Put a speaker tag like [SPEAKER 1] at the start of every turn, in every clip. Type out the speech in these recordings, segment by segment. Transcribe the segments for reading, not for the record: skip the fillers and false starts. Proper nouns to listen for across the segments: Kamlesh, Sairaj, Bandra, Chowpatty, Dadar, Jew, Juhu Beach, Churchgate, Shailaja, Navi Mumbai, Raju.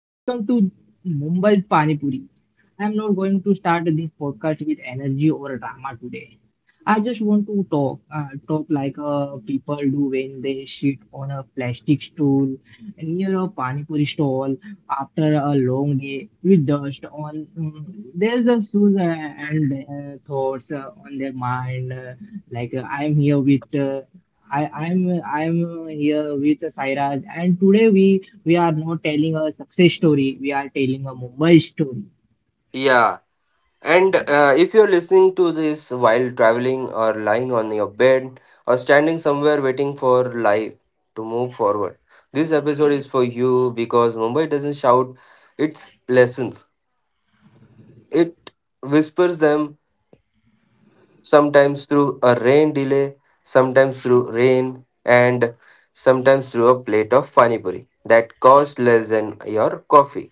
[SPEAKER 1] Welcome to Mumbai's Pani Puri. I'm not going to start this podcast with energy or drama today. I just want to talk like people do when they sit on a plastic stool near a Pani Puri stall after a long day with dust on there's the shoes and thoughts on their mind. I'm here with. I'm here with Sairaj, and today we are not telling a success story. We are telling a Mumbai story.
[SPEAKER 2] Yeah, and If you're listening to this while traveling or lying on your bed or standing somewhere waiting for life to move forward, this episode is for you because Mumbai doesn't shout its lessons. It whispers them sometimes through a rain delay, sometimes through rain, and sometimes through a plate of pani puri that costs less than your coffee.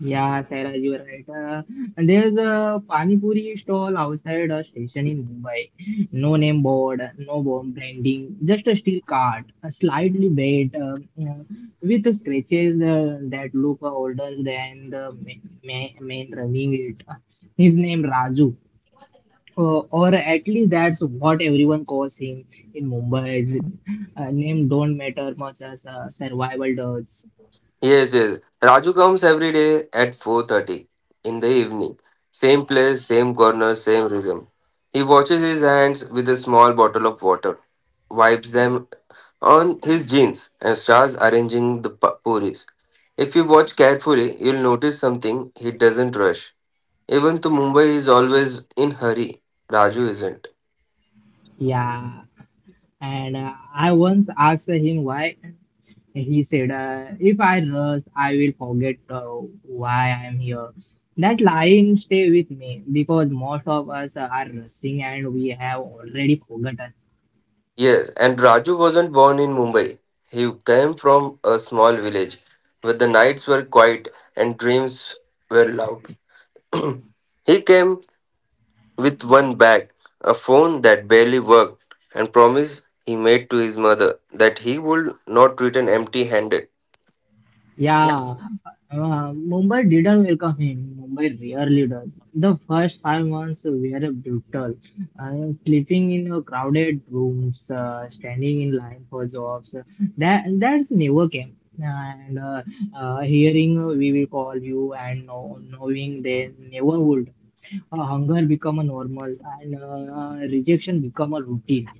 [SPEAKER 1] Yeah, Sarah, you are right. And there's a Pani Puri stall outside a station in Mumbai. No name board, no bomb branding, just a steel cart, a slightly bent, with scratches that look older than the man running it. His name Raju. Or at least that's what everyone calls him in Mumbai. Is name don't matter much as survival does.
[SPEAKER 2] Yes, yes. Raju comes every day at 4:30 in the evening. Same place, same corner, same rhythm. He washes his hands with a small bottle of water, wipes them on his jeans, and starts arranging the puris. If you watch carefully, you'll notice something. He doesn't rush. Even though Mumbai is always in hurry, Raju isn't.
[SPEAKER 1] Yeah, and I once asked him why. He said, "If I rush, I will forget why I am here." That line stay with me, because most of us are rushing and we have already forgotten.
[SPEAKER 2] Yes, and Raju wasn't born in Mumbai. He came from a small village where the nights were quiet and dreams were loud. He came with one bag, a phone that barely worked, and promise he made to his mother that he would not return empty handed.
[SPEAKER 1] Yeah, Mumbai didn't welcome him. Mumbai rarely does. The first 5 months were brutal. Sleeping in crowded rooms, standing in line for jobs, that's never came. And hearing we will call you and knowing they never would. Hunger become a normal, and rejection become a routine.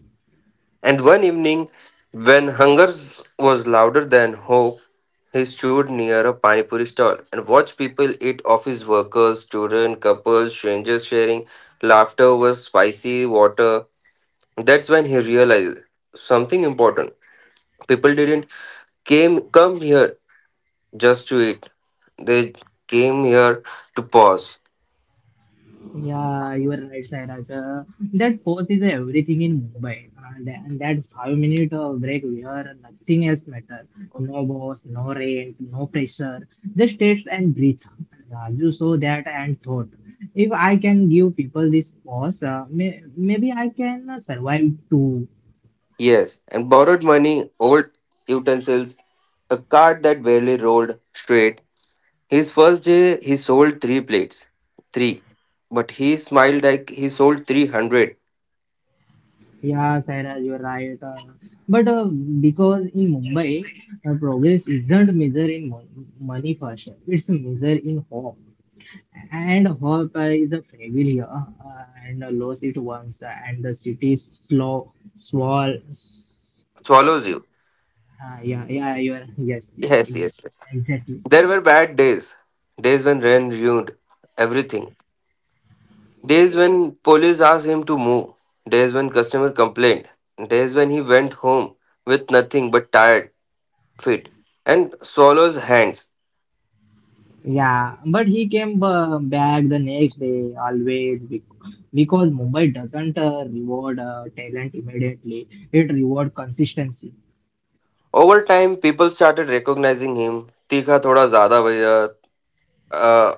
[SPEAKER 2] And one evening, when hunger was louder than hope, he stood near a Pani Puri stall and watched people eat office workers, children, couples, strangers sharing laughter over spicy water. That's when he realized something important. People didn't came come here just to eat. They came here to pause.
[SPEAKER 1] Yeah, you are right, Sairaj. That pose is everything in Mumbai, and that 5 minute break where nothing else matters, no boss, no rent, no pressure, just taste and breathe. Raju saw that and thought, if I can give people this pause, maybe I can survive too.
[SPEAKER 2] Yes, and borrowed money, old utensils, a cart that barely rolled straight. His first day he sold three plates. Three. But he smiled like he sold 300.
[SPEAKER 1] Yeah, Sairaj, you are right. But because in Mumbai, progress isn't measured in money first, it's measured in hope. And hope is a failure and lost it once, and the city is slow, small.
[SPEAKER 2] Swallows you.
[SPEAKER 1] Yeah, yeah, you are. Yes, yes,
[SPEAKER 2] Yes,
[SPEAKER 1] exactly.
[SPEAKER 2] yes, yes.
[SPEAKER 1] Exactly.
[SPEAKER 2] There were bad days. Days when rain ruined everything. Days when police asked him to move. Days when customer complained. Days when he went home with nothing but tired feet and swallows hands.
[SPEAKER 1] Yeah, but he came back the next day always, because Mumbai doesn't reward talent immediately. It reward consistency.
[SPEAKER 2] Over time, people started recognizing him. Tikha thoda zyada bhaiya. Uh,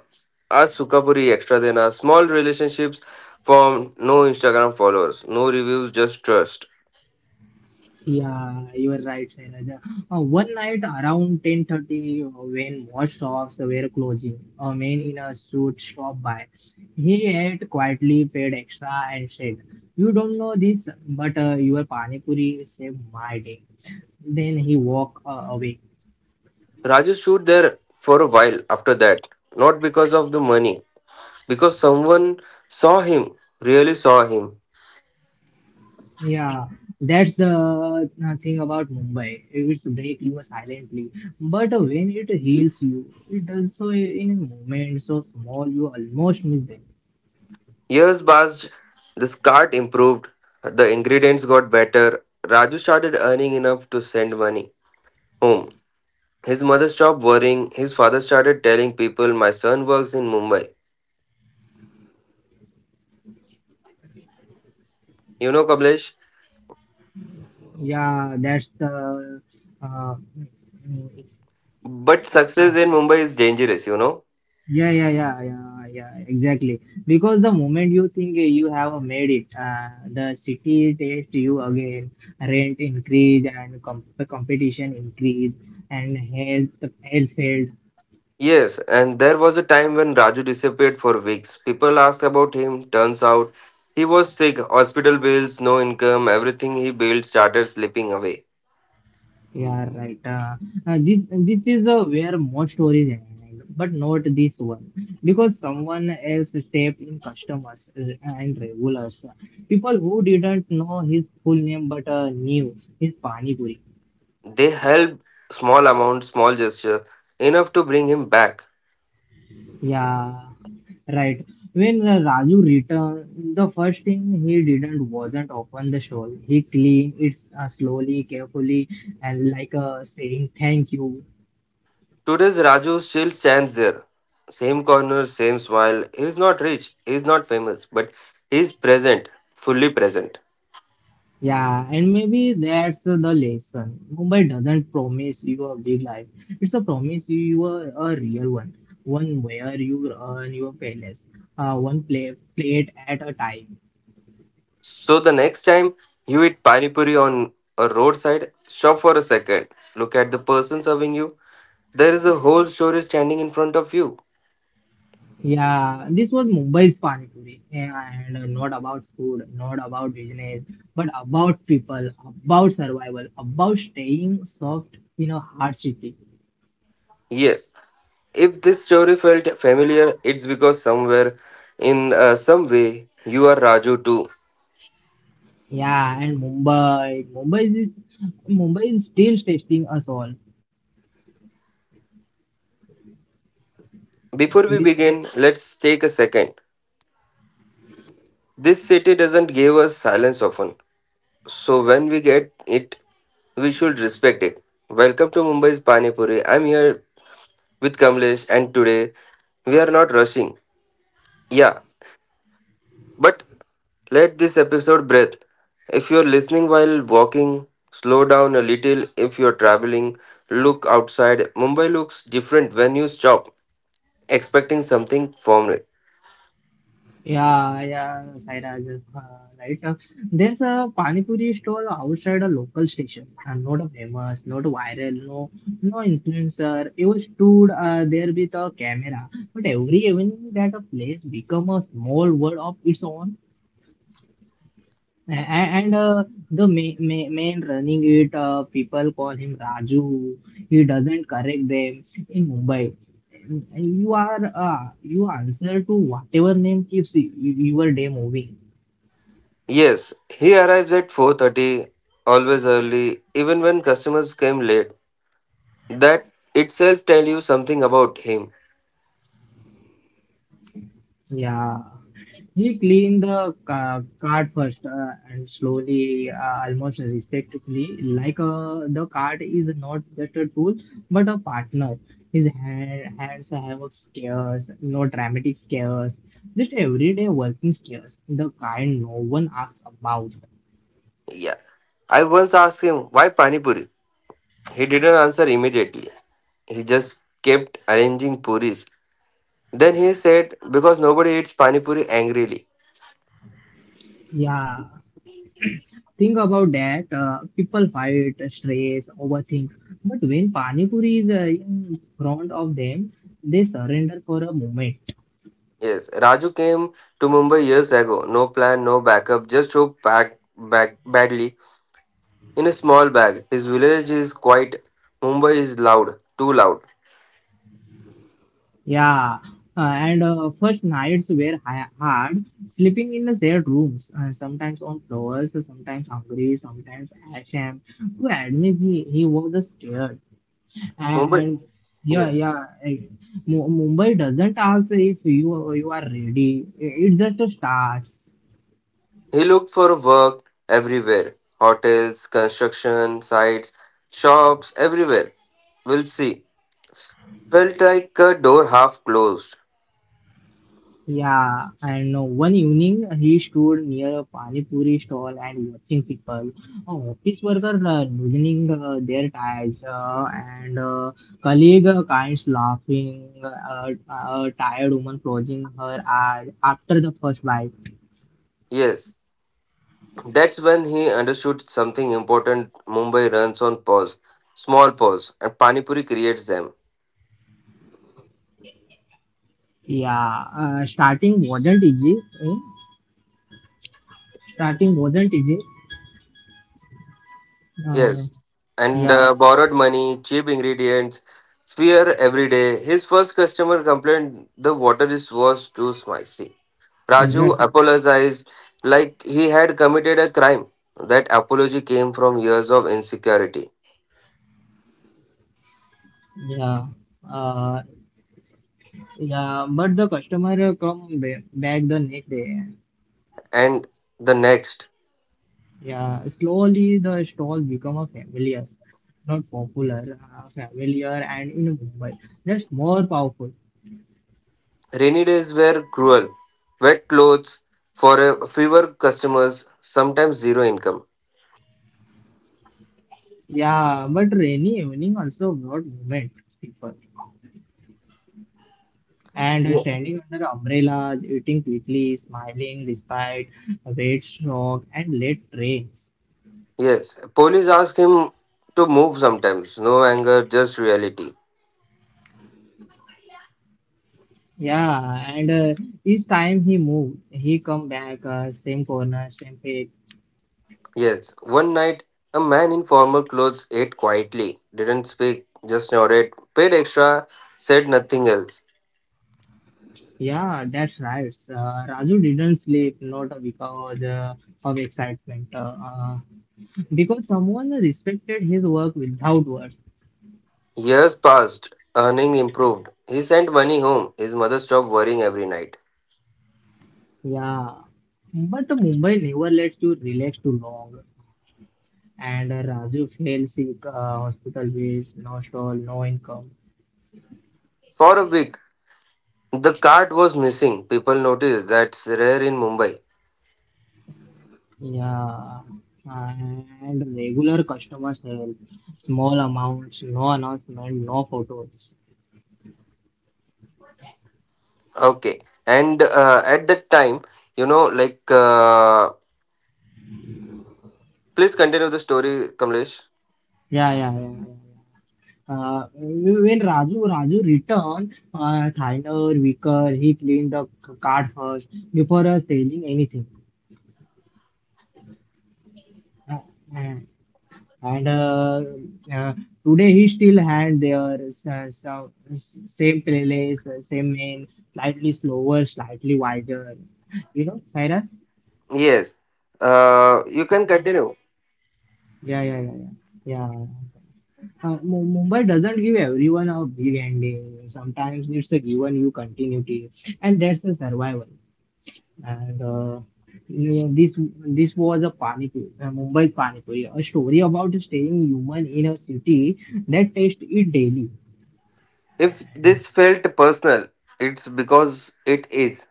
[SPEAKER 2] आज सुखा पूरी extra देना small relationships form no Instagram followers no reviews just trust.
[SPEAKER 1] Yeah, you are right, Shailaja. One night around 10:30, when more shops were closing, a man in a suit stopped by. He ate quietly, paid extra, and said, "You don't know this, but your pani puri saved my day." Then he walked away.
[SPEAKER 2] Raju stood there for a while after that, not because of the money, because someone saw him, really saw him.
[SPEAKER 1] Yeah, that's the thing about Mumbai. It breaks you silently, but when it heals you, it does so in a moment so small you almost miss them.
[SPEAKER 2] Years passed, the cart improved, the ingredients got better. Raju started earning enough to send money home. His mother stopped worrying, his father started telling people, "My son works in Mumbai." You know, Kamlesh?
[SPEAKER 1] Yeah, that's the uh, mm,
[SPEAKER 2] But
[SPEAKER 1] uh,
[SPEAKER 2] success in Mumbai is dangerous, you know?
[SPEAKER 1] yeah, yeah, yeah, yeah, yeah, exactly. Because the moment you think you have made it, the city takes you again. Rent increase, and competition increase, and health failed.
[SPEAKER 2] Yes, and there was a time when Raju disappeared for weeks. People asked about him. Turns out he was sick, hospital bills, no income, everything he built started slipping away.
[SPEAKER 1] Yeah, right. This is where most stories end, but not this one, because someone else stepped in, customers and regulars, people who didn't know his full name but knew his pani puri.
[SPEAKER 2] They helped small amount, small gesture, enough to bring him back.
[SPEAKER 1] Yeah, right. When Raju returned, the first thing he didn't wasn't open the stall. He cleaned it slowly, carefully, and like saying thank you.
[SPEAKER 2] Today's Raju still stands there. Same corner, same smile. He's not rich, he's not famous, but he's present, fully present.
[SPEAKER 1] Yeah, and maybe that's the lesson. Mumbai doesn't promise you a big life. It's a promise you a real one. One where you earn your palace. One plate at a time.
[SPEAKER 2] So the next time you eat pani puri on a roadside, stop for a second. Look at the person serving you. There is a whole story standing in front of you.
[SPEAKER 1] Yeah, this was Mumbai's Panipuri. And not about food, not about business, but about people, about survival, about staying soft in a hard city.
[SPEAKER 2] Yes, if this story felt familiar, it's because somewhere, in some way, you are Raju too.
[SPEAKER 1] Yeah, and Mumbai. Mumbai is still testing us all.
[SPEAKER 2] Before we
[SPEAKER 1] We
[SPEAKER 2] begin, let's take a second. This city doesn't give us silence often, so when we get it, we should respect it. Welcome to Mumbai's Panipuri. I'm here with Kamlesh, and today we are not rushing. Yeah, but let this episode breathe. If you're listening while walking, slow down a little. If you're traveling, look outside. Mumbai looks different when you stop expecting something from it.
[SPEAKER 1] yeah, yeah, Sairaj, right. There's a Pani Puri stall outside a local station, and not a famous, not viral, no, no influencer. You stood there with a camera, but every evening that a place become a small world of its own. And the man running it, people call him Raju. He doesn't correct them. In Mumbai you are you answer to whatever name keeps your day moving.
[SPEAKER 2] Yes, he arrives at 4:30, always early even when customers came late. That itself tell you something about him.
[SPEAKER 1] Yeah, he cleaned the ca cart first and slowly, almost respectfully, like the cart is not just a tool but a partner. His hands have scares, no dramatic scares, just everyday working scares, the kind no one asks about.
[SPEAKER 2] Yeah. I once asked him why pani puri. He didn't answer immediately. He just kept arranging puris. Then he said, because nobody eats pani puri angrily.
[SPEAKER 1] Yeah, think about that. People fight, stress, overthink, but when Pani Puri is in front of them, they surrender for a moment.
[SPEAKER 2] Yes, Raju came to Mumbai years ago. No plan, no backup, just so packed back badly in a small bag. His village is quiet. Mumbai is loud, too loud.
[SPEAKER 1] Yeah, and first nights were hard, sleeping in the shared rooms, sometimes on floors, sometimes hungry, sometimes ashamed. To admit he was scared. And,
[SPEAKER 2] Mumbai,
[SPEAKER 1] and yeah,
[SPEAKER 2] yes.
[SPEAKER 1] yeah, eh, Mumbai doesn't ask if you are ready, it just starts.
[SPEAKER 2] He looked for work everywhere hotels, construction sites, shops, everywhere. We'll see. Felt like a door half closed.
[SPEAKER 1] Yeah, and one evening he stood near a pani puri stall and watching people. Oh, office workers loosening their ties, and colleague kinds laughing, tired woman closing her eyes after the first bite.
[SPEAKER 2] Yes, that's when he understood something important. Mumbai runs on pause, small pause, and Panipuri creates them.
[SPEAKER 1] Yeah, starting wasn't easy. Eh? Starting wasn't easy. Uh,
[SPEAKER 2] Yes, and
[SPEAKER 1] yeah,
[SPEAKER 2] borrowed money, cheap ingredients, fear every day. His first customer complained the water is was too spicy. Raju
[SPEAKER 1] exactly.
[SPEAKER 2] apologized like he had committed a crime. That apology came from years of insecurity.
[SPEAKER 1] Yeah. Uh, yeah, but the customer back the next day.
[SPEAKER 2] And the next.
[SPEAKER 1] Yeah, slowly the stall become a familiar, not popular, familiar, and in Mumbai, just more powerful.
[SPEAKER 2] Rainy days were cruel. Wet clothes for a fewer customers, sometimes zero income.
[SPEAKER 1] Yeah, but rainy evening also brought movement, people. And
[SPEAKER 2] Yeah.
[SPEAKER 1] standing under umbrellas, eating quickly, smiling despite weight shock and late trains.
[SPEAKER 2] Yes, police asked him to move sometimes. No anger, just reality.
[SPEAKER 1] Yeah, and each time he moved, he come back, same corner, same page.
[SPEAKER 2] Yes, one night a man in formal clothes ate quietly, didn't speak, just nodded, paid extra, said nothing else.
[SPEAKER 1] Yeah, that's right. Raju didn't sleep, not because of excitement, because someone respected his work without words.
[SPEAKER 2] Years passed, earning improved. He sent money home. His mother stopped worrying every night.
[SPEAKER 1] Yeah, but Mumbai never lets you relax too long, and Raju fell sick, hospital bills, no stall, no income.
[SPEAKER 2] For a week, the cart was missing. People noticed that's rare in Mumbai.
[SPEAKER 1] Yeah, and regular customers help, small amounts, no announcement, no photos.
[SPEAKER 2] Okay. And at that time, you know, like, please continue the story, Kamlesh.
[SPEAKER 1] Yeah, yeah, yeah. yeah. When Raju returned, Thainer, Vicker, he cleaned the card first before selling anything. Uh, uh, and uh, Today he still had their same place, same man, slightly slower, slightly wiser. You know, Cyrus?
[SPEAKER 2] Yes. You can continue.
[SPEAKER 1] Yeah, yeah, yeah, yeah. Yeah, Mumbai doesn't give everyone a big ending. Sometimes it's a given you continuity, and that's a survival. And uh, yeah, this this was a Panipuri, Mumbai's Panipuri, a story about staying human in a city that tastes it daily.
[SPEAKER 2] If this felt personal, it's because it is.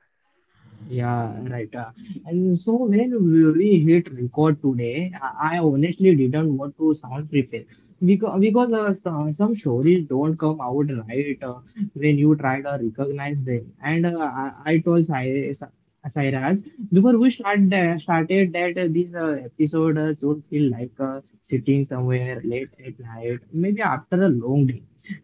[SPEAKER 1] Yeah, right. And so when we hit record today, I honestly didn't want to sound prepared, because some stories don't come out right when you try to recognize them. And I told Sairaj before started that this episode should feel like sitting somewhere late at night, maybe after a long day.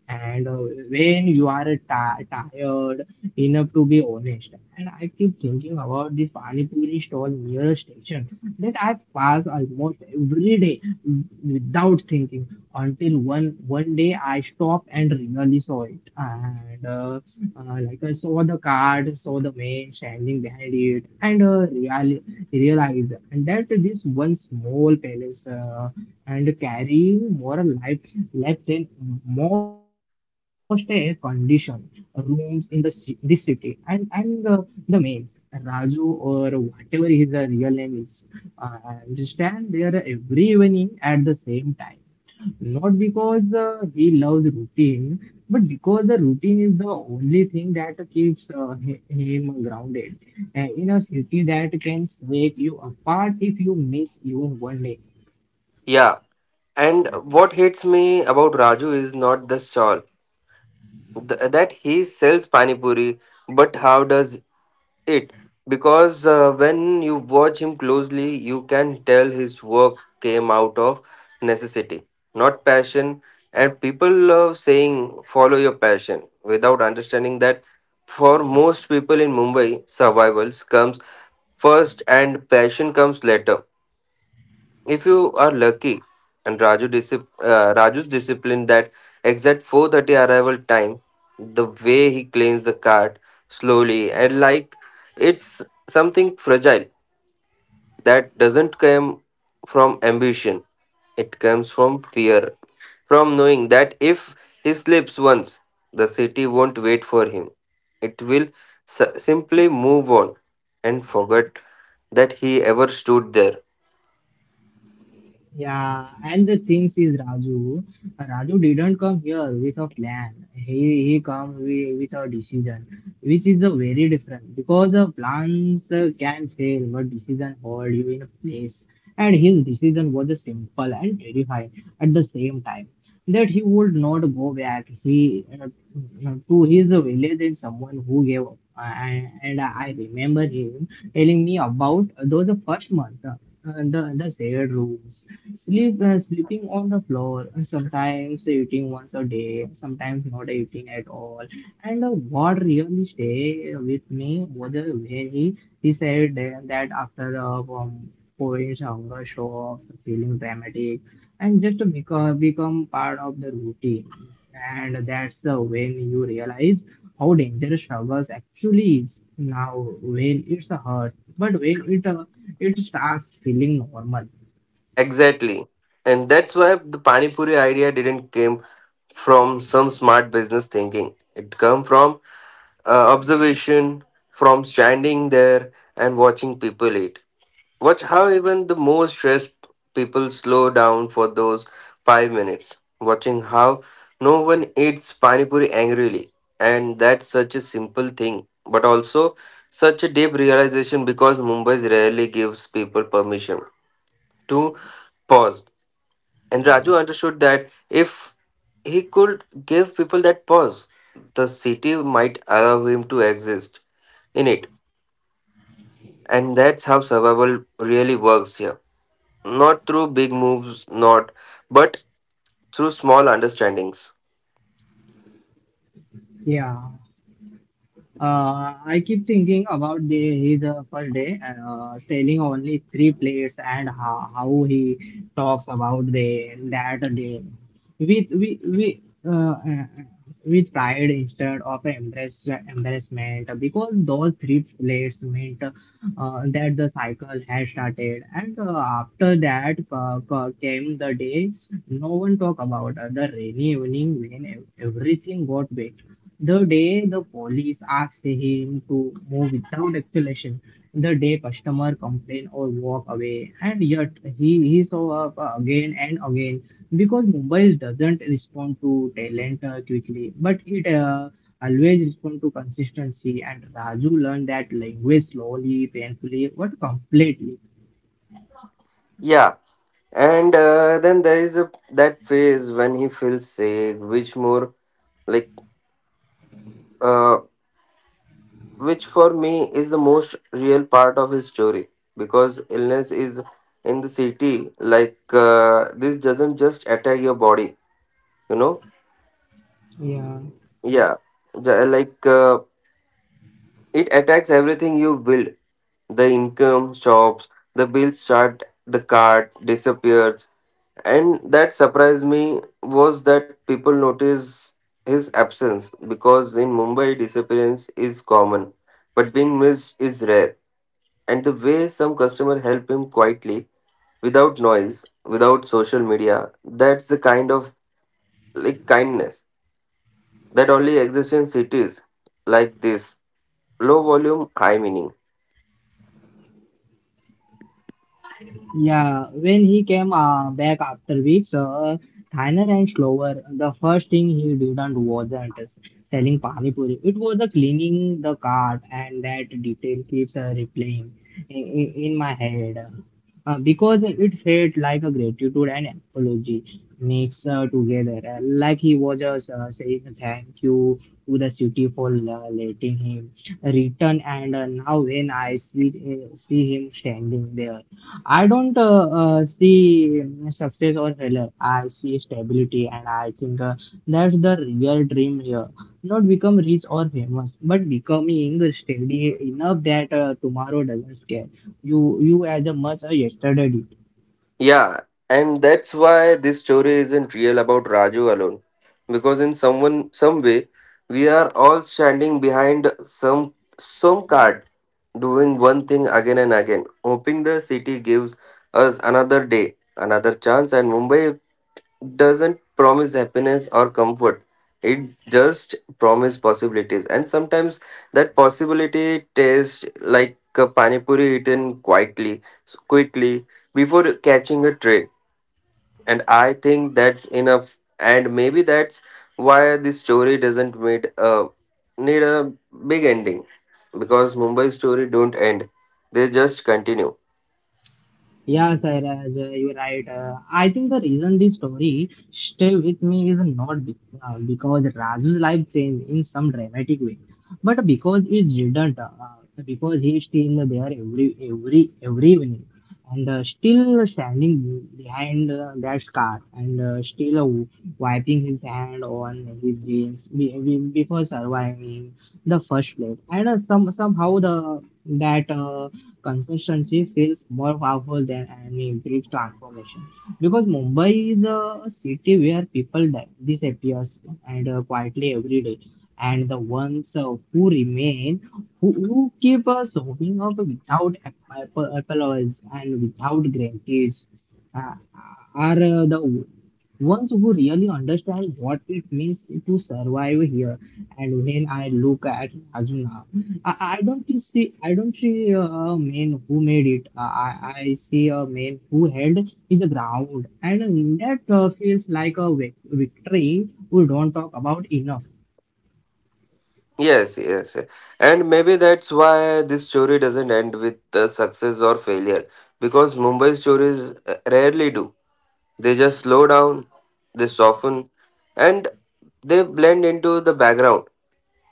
[SPEAKER 1] And when you are ti tired enough to be honest. And I keep thinking about this Pani Puri stall near station that I pass almost every day without thinking until one day I stopped and really saw it. And like I saw the card, saw the man standing behind it, and realized and that this one small palace and carrying more life than most a condition rooms in the this city, and the main Raju or whatever his real name is, uh, just stand there every evening at the same time, not because he loves routine, but because the routine is the only thing that keeps him grounded. In a city that can break you apart if you miss even one day.
[SPEAKER 2] Yeah. And what hits me about Raju is not the shawl that he sells pani puri, but how does it because when you watch him closely, you can tell his work came out of necessity, not passion. And people love saying follow your passion without understanding that for most people in Mumbai, survivals comes first and passion comes later if you are lucky and Raju's discipline, that exact 4:30 arrival time, the way he cleans the cart slowly and like it's something fragile, that doesn't come from ambition, it comes from fear, from knowing that if he slips once the city won't wait for him, it will simply move on and forget that he ever stood there.
[SPEAKER 1] Yeah, and the thing is, Raju didn't come here with a plan. He come with a decision, which is a very different, because plans can fail, but decision hold you in a place. And his decision was a simple and terrifying at the same time. That he would not go back. He to his village and someone who gave up. And I remember him telling me about those first month. The shared rooms. Sleeping on the floor, and sometimes eating once a day, sometimes not eating at all. And what really stay with me was the way he said that after points hunger show off, feeling dramatic, and just become part of the routine. And that's when you realize how dangerous struggles actually is now, when it's a hurt, but when it it starts feeling normal.
[SPEAKER 2] Exactly. And that's why the Pani Puri idea didn't came from some smart business thinking. It come from observation, from standing there and watching people eat. Watch how even the most stressed people slow down for those 5 minutes. Watching how no one eats Pani Puri angrily. And that's such a simple thing, but also such a deep realization because Mumbai rarely gives people permission to pause, and Raju understood that if he could give people that pause, the city might allow him to exist in it. And that's how survival really works here. Not through big moves, not, but through small understandings.
[SPEAKER 1] Yeah. I keep thinking about the his first day selling only three plates and how he talks about the that day with we with pride instead of embarrassment because those three plates meant that the cycle has started. And after that came the day no one talk about the rainy evening when everything got wet, the day the police asked him to move without explanation, the day customer complained or walk away, and yet he show up again and again because Mumbai doesn't respond to talent quickly, but it always responds to consistency. And Raju learned that language slowly, painfully, but completely.
[SPEAKER 2] Yeah. And then there is a, that phase when he feels safe, which more like. uh, which for me is the most real part of his story because illness is in the city like this doesn't just attack your body, you know.
[SPEAKER 1] Yeah.
[SPEAKER 2] Yeah. Ju- like uh, it attacks everything you build, the income stops, the bills start, the cart disappears, and that surprised me was that people notice his absence because in Mumbai disappearance is common but being missed is rare, and the way some customer help him quietly, without noise, without social media, that's the kind of like kindness that only exists in cities like this, low volume high meaning.
[SPEAKER 1] Yeah, when he came back after weeks, Thainer and Clover, the first thing he didn't wasn't selling pani puri. It was the cleaning the cart, and that detail keeps replaying in my head. Because it felt like a gratitude and apology mixed together. Like he was just saying thank you to the city for letting him return. And now when I see him standing there, I don't see success or failure. I see stability, and I think that's the real dream here. Not become rich or famous, but becoming steady enough that tomorrow doesn't scare you. You as a much as yesterday did.
[SPEAKER 2] Yeah, and that's why this story isn't real about Raju alone because in someone some way we are all standing behind some card, doing one thing again and again, hoping the city gives us another day, another chance, and Mumbai doesn't promise happiness or comfort, it just promise possibilities, and sometimes that possibility tastes like a pani puri eaten quietly, quickly, before catching a tray, and I think that's enough, and maybe that's why this story doesn't need a need a big ending because Mumbai story don't end, they just continue.
[SPEAKER 1] Yeah, Sairaj, you're right. I think the reason this story stay with me is not because Raju's life changed in some dramatic way, but because it didn't. Because he's still there every evening, and still standing behind that scar, and still wiping his hand on his jeans before surviving the first plate, and somehow the that. Consistency feels more powerful than any brief transformation because Mumbai is a city where people disappear and quietly every day, and the ones who remain, who keep us showing up without apologies and without guarantees, uh, are the ones who really understand what it means to survive here. And when I look at Azuna, I don't see a man who made it. I see a man who held his ground, and that feels like a victory we don't talk about enough.
[SPEAKER 2] Yes, yes, yes. And maybe that's why this story doesn't end with success or failure because Mumbai stories rarely do. They just slow down, they soften, and they blend into the background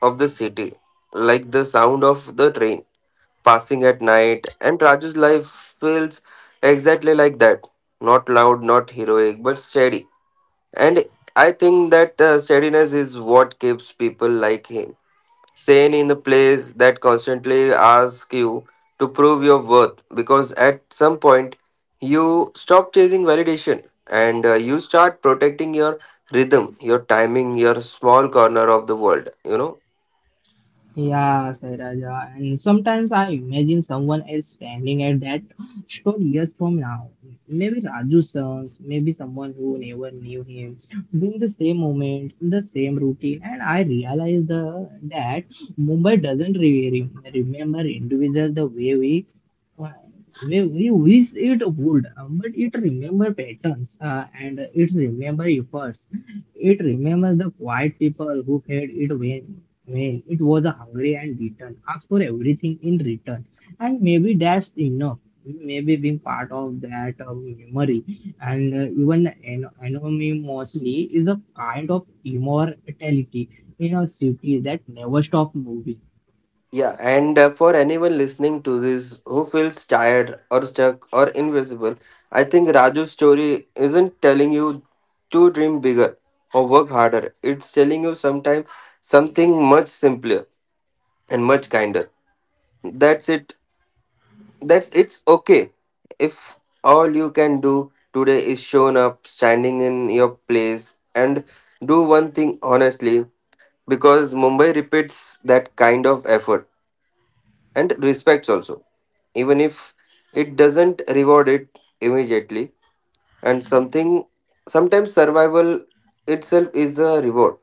[SPEAKER 2] of the city, like the sound of the train passing at night. And Raju's life feels exactly like that, not loud, not heroic, but steady. And I think that steadiness is what keeps people like him sane in the place that constantly asks you to prove your worth because at some point you stop chasing validation and you start protecting your rhythm, your timing, your small corner of the world, you know.
[SPEAKER 1] Yeah, said Raja. And sometimes I imagine someone else standing at that store years from now. Maybe Raju's sons, maybe someone who never knew him, doing the same moment, the same routine. And I realize the that Mumbai doesn't remember individual the way uh, we wish it would, but it remember patterns and it remember efforts. It remembers the quiet people who fed it when it was a hungry and beaten ask for everything in return. And maybe that's enough. Maybe being part of that memory, and even anonymously, is a kind of immortality in a city that never stops moving.
[SPEAKER 2] Yeah, and for anyone listening to this who feels tired or stuck or invisible, I think Raju's story isn't telling you to dream bigger or work harder. It's telling you sometime something much simpler and much kinder. That's it. That's it's okay. If all you can do today is shown up, standing in your place, and do one thing honestly, because Mumbai repeats that kind of effort and respects also, even if it doesn't reward it immediately. And something sometimes survival itself is a reward.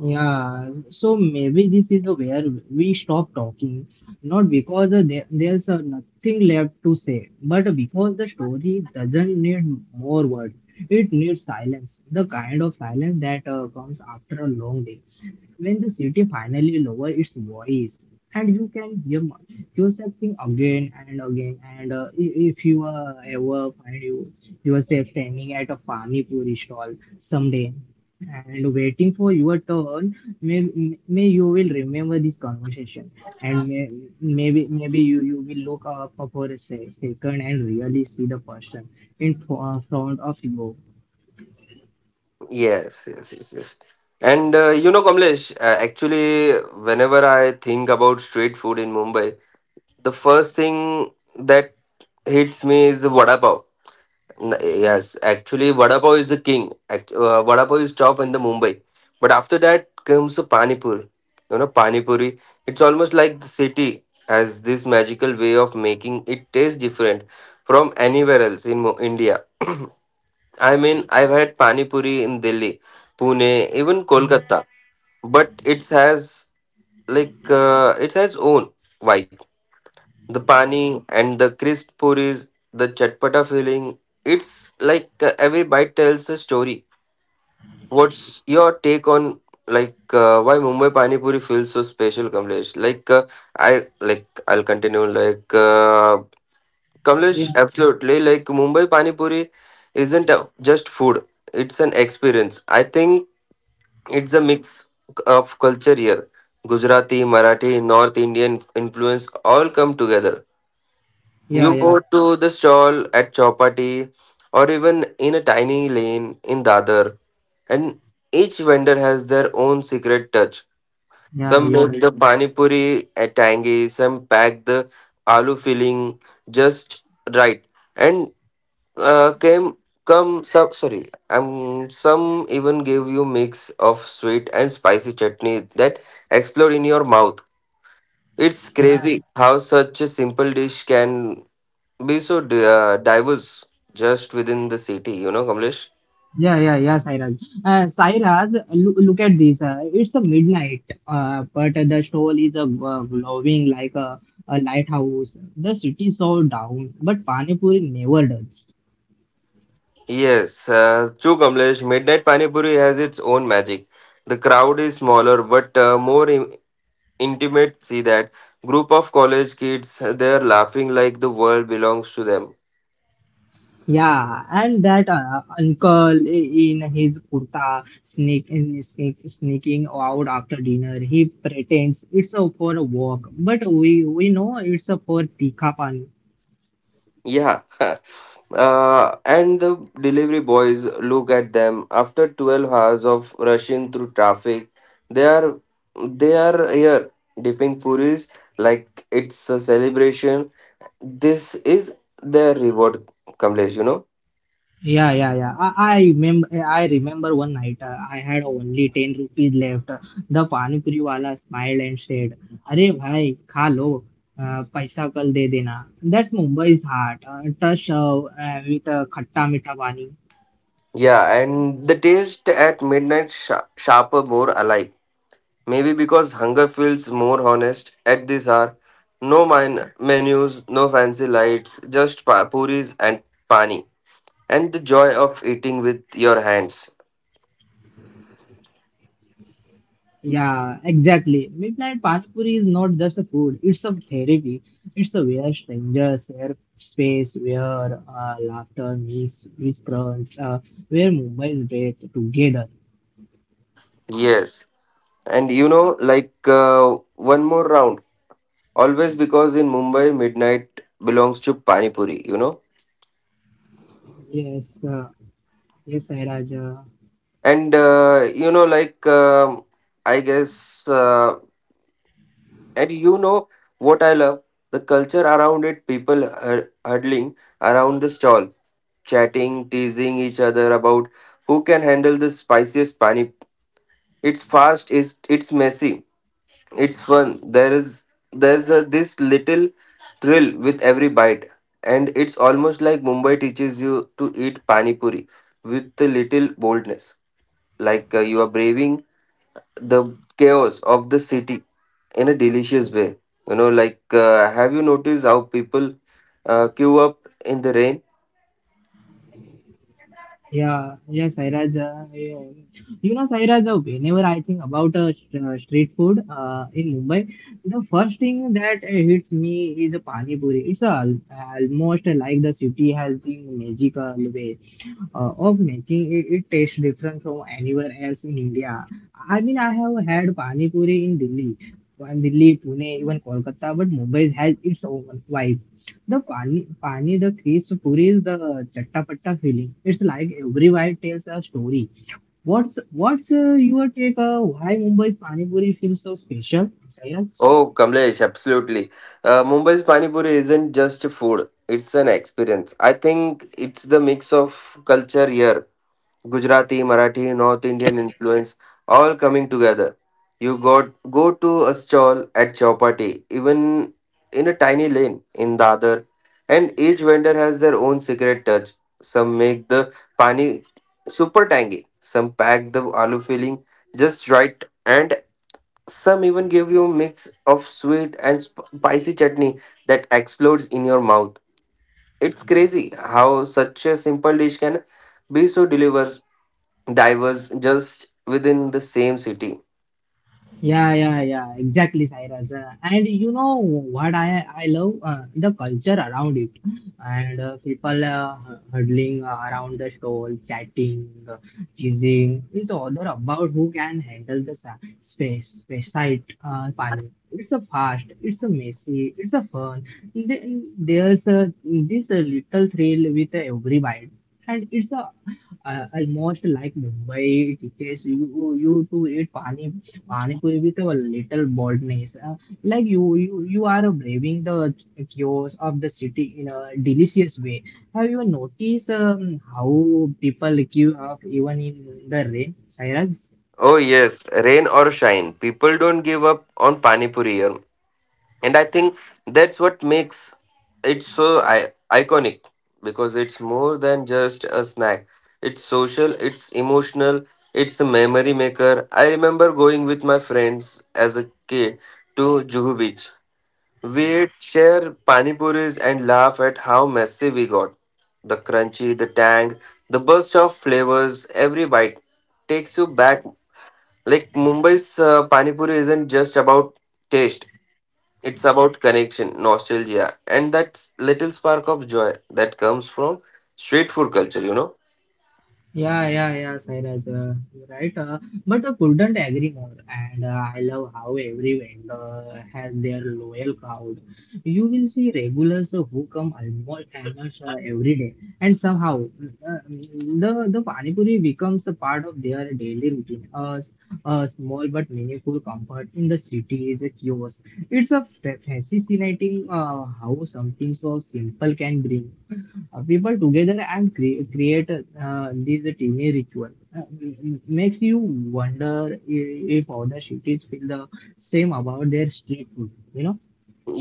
[SPEAKER 1] Yeah, so maybe this is where we stop talking, not because there's nothing left to say, but because the story doesn't need more words. It needs silence, the kind of silence that comes after a long day when the city finally lowers its voice and you can hear yourself sing again and again. And if you ever find yourself standing at a pani puri stall someday and waiting for your turn, may, may you will remember this conversation, and maybe you will look up for a second and really see the person in front of you.
[SPEAKER 2] Yes, yes, yes, yes. And you know, Kamlesh, actually, whenever I think about street food in Mumbai, the first thing that hits me is the vada pav. Yes, actually, vada pav is the king. Vada pav is top in the Mumbai, but after that comes the pani puri. You know, pani puri. It's almost like the city has this magical way of making it taste different from anywhere else in India. I mean, I've had pani puri in Delhi, Pune, even Kolkata, but it has it has own vibe. The pani and the crisp puris, the chatpata filling. It's like every bite tells a story. What's your take on why Mumbai pani puri feels so special, Kamlesh? I'll continue
[SPEAKER 1] Yeah,
[SPEAKER 2] Kamlesh, absolutely, like Mumbai pani puri isn't just food. It's an experience. I think it's a mix of culture here. Gujarati, Marathi, North Indian influence all come together.
[SPEAKER 1] yeah,
[SPEAKER 2] You
[SPEAKER 1] yeah,
[SPEAKER 2] go to the stall at Chowpatty or even in a tiny lane in Dadar, and each vendor has their own secret touch.
[SPEAKER 1] yeah,
[SPEAKER 2] Some
[SPEAKER 1] you're right.
[SPEAKER 2] make the pani puri a tangy, some pack the aloo filling just right, and came come some sorry, some even give you mix of sweet and spicy chutney that explode in your mouth. It's crazy how such a simple dish can be so diverse just within the city, you know, Kamlesh?
[SPEAKER 1] Yeah, yeah, yeah, Sairaj. Sairaj, look at this. It's a midnight, but the stove is a glowing like a lighthouse. The city so down, but pani puri never does.
[SPEAKER 2] Yes, true, Kamlesh. Midnight Pani Puri has its own magic. The crowd is smaller but more intimate. See that group of college kids, they're laughing like the world belongs to them.
[SPEAKER 1] Yeah, and that uncle in his kurta sneak sneaking out after dinner. He pretends it's a for a walk, but we know it's a for tikha.
[SPEAKER 2] Yeah. And the delivery boys look at them after 12 hours of rushing through traffic. They are they are here dipping puris like it's a celebration. This is the reward, Kamlesh, you know?
[SPEAKER 1] Yeah, yeah, yeah. I remember. I remember one night I had only 10 rupees left. The pani puri wala smiled and said, "अरे भाई खा लो, पैसा कल दे देना." That's Mumbai's heart. Touch with khatta mita pani.
[SPEAKER 2] Yeah, and the taste at midnight sharper, more alive. Maybe because hunger feels more honest at this hour. No menus, no fancy lights, just puris and pani. And the joy of eating with your hands.
[SPEAKER 1] Yeah, exactly. Midnight pani puri is not just a food. It's a therapy. It's a where strangers share space, where laughter meets with crowds, where Mumbai's breath together.
[SPEAKER 2] Yes. And you know, one more round. Always, because in Mumbai, midnight belongs to Pani Puri, you know?
[SPEAKER 1] Yes, yes, Sairaj.
[SPEAKER 2] And you know like I guess and you know what I love: the culture around it, people huddling around the stall, chatting, teasing each other about who can handle the spiciest pani. It's fast, it's messy, it's fun. There's this little thrill with every bite, and it's almost like Mumbai teaches you to eat pani puri with a little boldness, like you are braving the chaos of the city in a delicious way. You know, have you noticed how people queue up in the rain?
[SPEAKER 1] Yeah, yeah, Sairaj. Yeah. You know, Sairaj, whenever I think about street food in Mumbai, the first thing that hits me is a pani puri. It's almost like the city has the magical way of making it tastes different from anywhere else in India. I mean, I have had pani puri in Delhi, and Delhi, Pune, even Kolkata, but Mumbai has its own vibe. The Pani, the crisp puri is the chattapatta feeling. It's like every bite tells a story. What's your take? Why Mumbai's pani puri feels so special? Chayas?
[SPEAKER 2] Oh, Kamlesh, absolutely. Mumbai's Pani Puri isn't just food, it's an experience. I think it's the mix of culture here: Gujarati, Marathi, North Indian influence all coming together. You got go to a stall at Chowpatty, even in a tiny lane in Dadar, and each vendor has their own secret touch. Some make the pani super tangy, some pack the aloo filling just right, and some even give you a mix of sweet and spicy chutney that explodes in your mouth. It's crazy how such a simple dish can be so delivers divers just within the same city.
[SPEAKER 1] Yeah, yeah, yeah, exactly, Cyrus. And you know what I love the culture around it, and people huddling around the stall, chatting, teasing. It's all about who can handle the sa- space, space site, pani. It's a fast, it's a messy, it's a fun. Th- There's this little thrill with every bite, and it's a almost like Mumbai teaches you to eat panipuri with a little boldness, like you are braving the chaos of the city in a delicious way. Have you noticed how people queue up even in the rain, Sairaj?
[SPEAKER 2] Oh yes, rain or shine, people don't give up on pani puri here, and I think that's what makes it so iconic because it's more than just a snack. It's social, it's emotional, it's a memory maker. I remember going with my friends as a kid to Juhu Beach. We'd share panipuris and laugh at how messy we got. The crunchy, the tang, the burst of flavors, every bite takes you back. Like Mumbai's panipuri isn't just about taste, it's about connection, nostalgia, and that little spark of joy that comes from street food culture, you know?
[SPEAKER 1] Yeah, yeah, yeah, Sairaj, you're right. But I couldn't agree more. And I love how every vendor has their loyal crowd. You will see regulars who come almost every day, and somehow the pani puri becomes a part of their daily routine, a small but meaningful comfort in the city is a kiosk. It's a fascinating how something so simple can bring people together and create these teeny ritual makes you wonder if other cities feel the same about their street food, you know.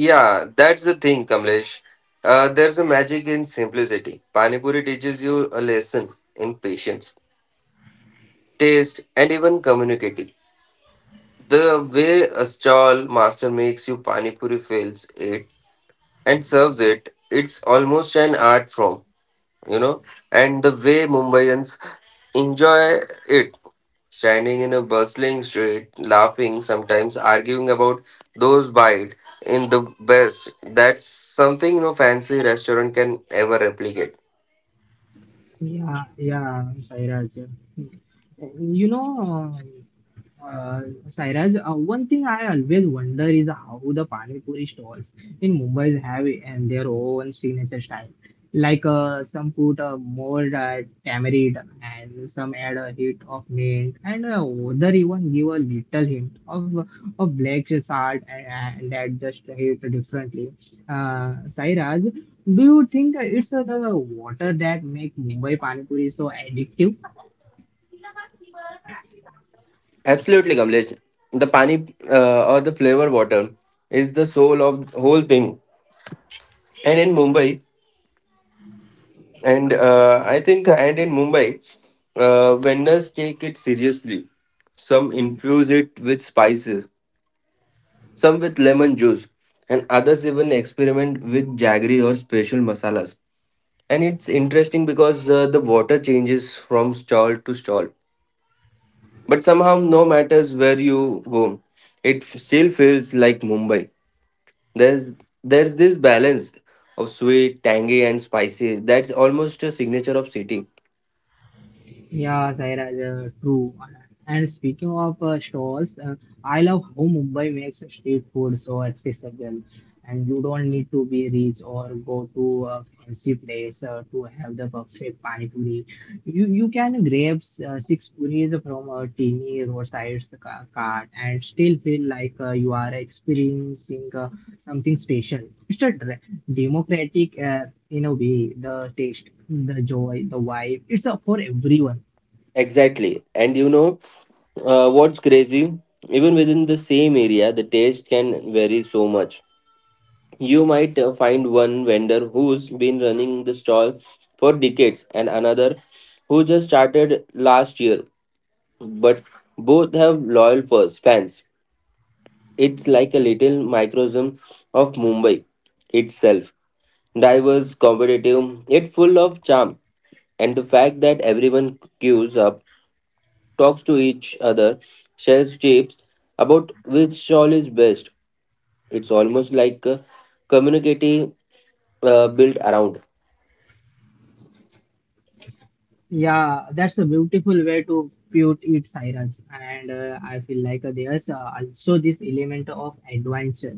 [SPEAKER 2] Yeah, that's the thing, Kamlesh. There's a magic in simplicity. Panipuri teaches you a lesson in patience, taste, and even communicating. The way a stall master makes you pani puri, fills it and serves it, it's almost an art form, you know. And the way Mumbaians enjoy it, standing in a bustling street, laughing, sometimes arguing about those bites in the best. That's something no fancy restaurant can ever replicate.
[SPEAKER 1] Yeah, yeah, Sairaj. you know um, Uh, Sairaj, one thing I always wonder is how the pani puri stalls in Mumbai have it and their own signature style. Like some put more tamarind, and some add a hit of mint, and other even give a little hint of black salt, and that just hit differently. Sairaj, do you think it's the water that make Mumbai pani puri so addictive?
[SPEAKER 2] Absolutely, Kamlesh. The pani or the flavor water is the soul of the whole thing. And in Mumbai. And I think and in Mumbai, vendors take it seriously. Some infuse it with spices, some with lemon juice, and others even experiment with jaggery or special masalas. And it's interesting because the water changes from stall to stall, but somehow no matters where you go, it still feels like Mumbai. There's there's this balance of sweet, tangy, and spicy that's almost a signature of city.
[SPEAKER 1] Yeah, Sairaj, true. And speaking of stalls, I love how Mumbai makes street food so accessible, and you don't need to be rich or go to a fancy place to have the perfect pani puri. You can grab six puris from a teeny roadside cart and still feel like you are experiencing something special. It's a democratic, in a way, the taste, the joy, the vibe. It's for everyone.
[SPEAKER 2] Exactly. And you know what's crazy? Even within the same area, the taste can vary so much. You might find one vendor who's been running the stall for decades and another who just started last year, but both have loyal fans. It's like a little microcosm of Mumbai itself. Diverse, competitive, yet full of charm. And the fact that everyone queues up, talks to each other, shares tips about which shawl is best. It's almost like a community built around.
[SPEAKER 1] Yeah, that's a beautiful way to put it, Sairaj. And I feel like there's also this element of adventure.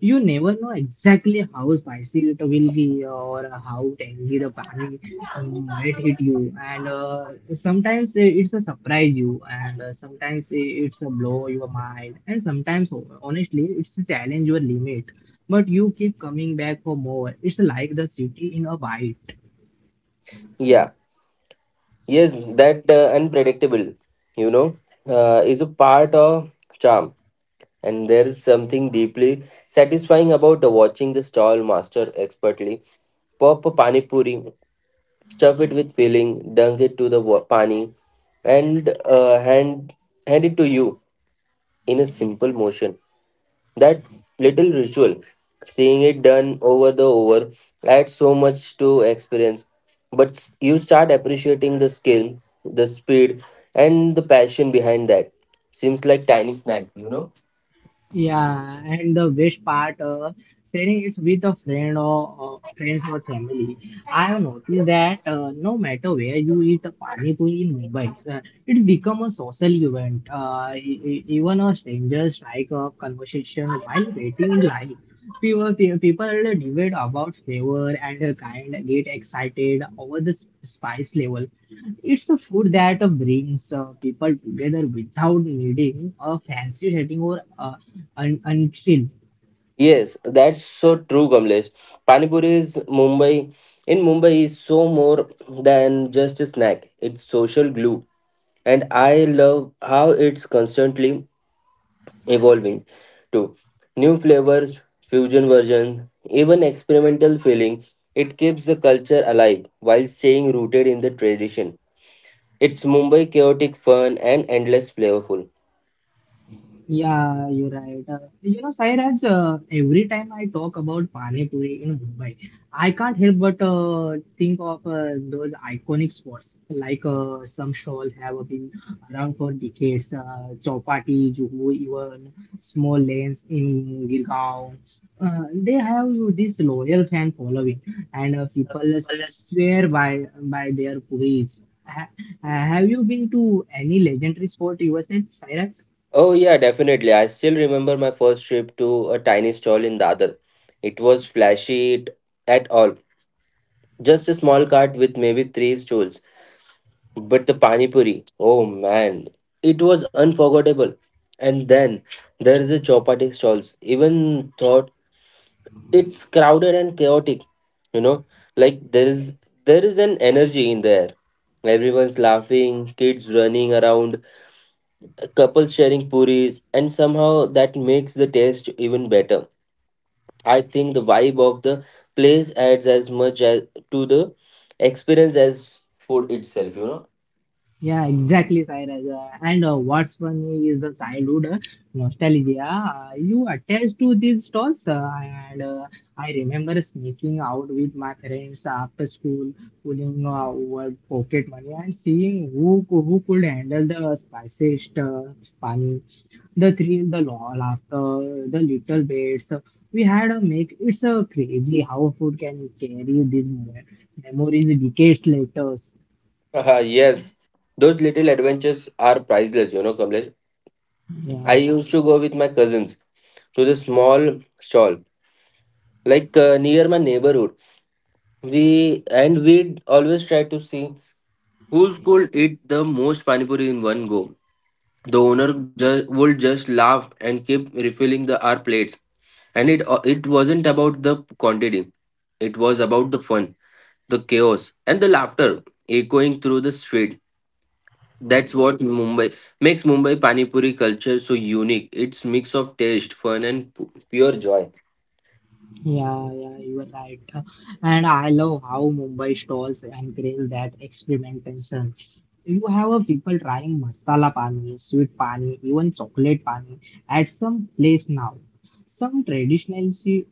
[SPEAKER 1] You never know exactly how spicy it will be or how tangy the pani might hit you. And sometimes it's a surprise you, and sometimes it's a blow your mind, and sometimes, honestly, it's a challenge your limit. But you keep coming back for more. It's like the city in a bite.
[SPEAKER 2] Yeah, yes, that unpredictable, you know, is a part of charm. And there is something deeply satisfying about watching the stall master expertly pop a pani puri, stuff it with filling, dunk it to the pani, and hand it to you in a simple motion. That little ritual, seeing it done over the over, adds so much to experience. But you start appreciating the skill, the speed, and the passion behind that. Seems like tiny snack, you know.
[SPEAKER 1] Yeah, and the best part, sharing it with a friend or friends or family. I have noticed that no matter where you eat a pani puri in Mumbai, it's become a social event. Even a stranger strike up conversation while waiting in line. People debate about flavor and kind, get excited over the spice level. It's a food that brings people together without needing a fancy setting or and still.
[SPEAKER 2] Yes, that's so true, Kamlesh. Panipuri is Mumbai. In Mumbai, is so more than just a snack. It's social glue, and I love how it's constantly evolving to new flavors, fusion versions, even experimental feeling. It keeps the culture alive while staying rooted in the tradition. It's Mumbai chaotic fun and endless flavorful.
[SPEAKER 1] Yeah, you're right. You know, Sairaj, every time I talk about pani puri in Mumbai, I can't help but think of those iconic spots. Like some stalls have been around for decades. Chowpatty, Juhu, even small lanes in Girgaon. They have this loyal fan following, and people swear by their puris. Ha- have you been to any legendary spot yourself, Sairaj?
[SPEAKER 2] Oh yeah, definitely. I still remember my first trip to a tiny stall in Dadar. It was flashy at all. Just a small cart with maybe three stools. But the Pani Puri, oh man, it was unforgettable. And then there is a chapati stalls. Even thought it's crowded and chaotic, you know, like there is an energy in there. Everyone's laughing, kids running around, couples sharing puris, and somehow that makes the taste even better. I think the vibe of the place adds as much as to the experience as food itself, you know.
[SPEAKER 1] Yeah, exactly, Sairaj. And what's funny is the childhood nostalgia you attach to these stalls. And I remember sneaking out with my friends after school, pulling over pocket money and seeing who who could handle the spiciest spani, the thrill, the laughter, the little bits. We had a make. It's crazy how food can carry these memories decades later.
[SPEAKER 2] Haha, yes, those little adventures are priceless, you know, Kamlesh. I
[SPEAKER 1] Yeah.
[SPEAKER 2] used to go with my cousins to the small stall, like near my neighborhood. We'd always try to see who could eat the most pani puri in one go. The owner would just laugh and keep refilling the our plates. And it wasn't about the quantity; it was about the fun, the chaos, and the laughter echoing through the street. That's what Mumbai makes Mumbai Pani Puri culture so unique. It's mix of taste, fun, and pure joy.
[SPEAKER 1] Yeah, you are right. And I love how Mumbai stalls encourage that experimentation. You have a people trying masala pani, sweet pani, even chocolate pani at some place now. Some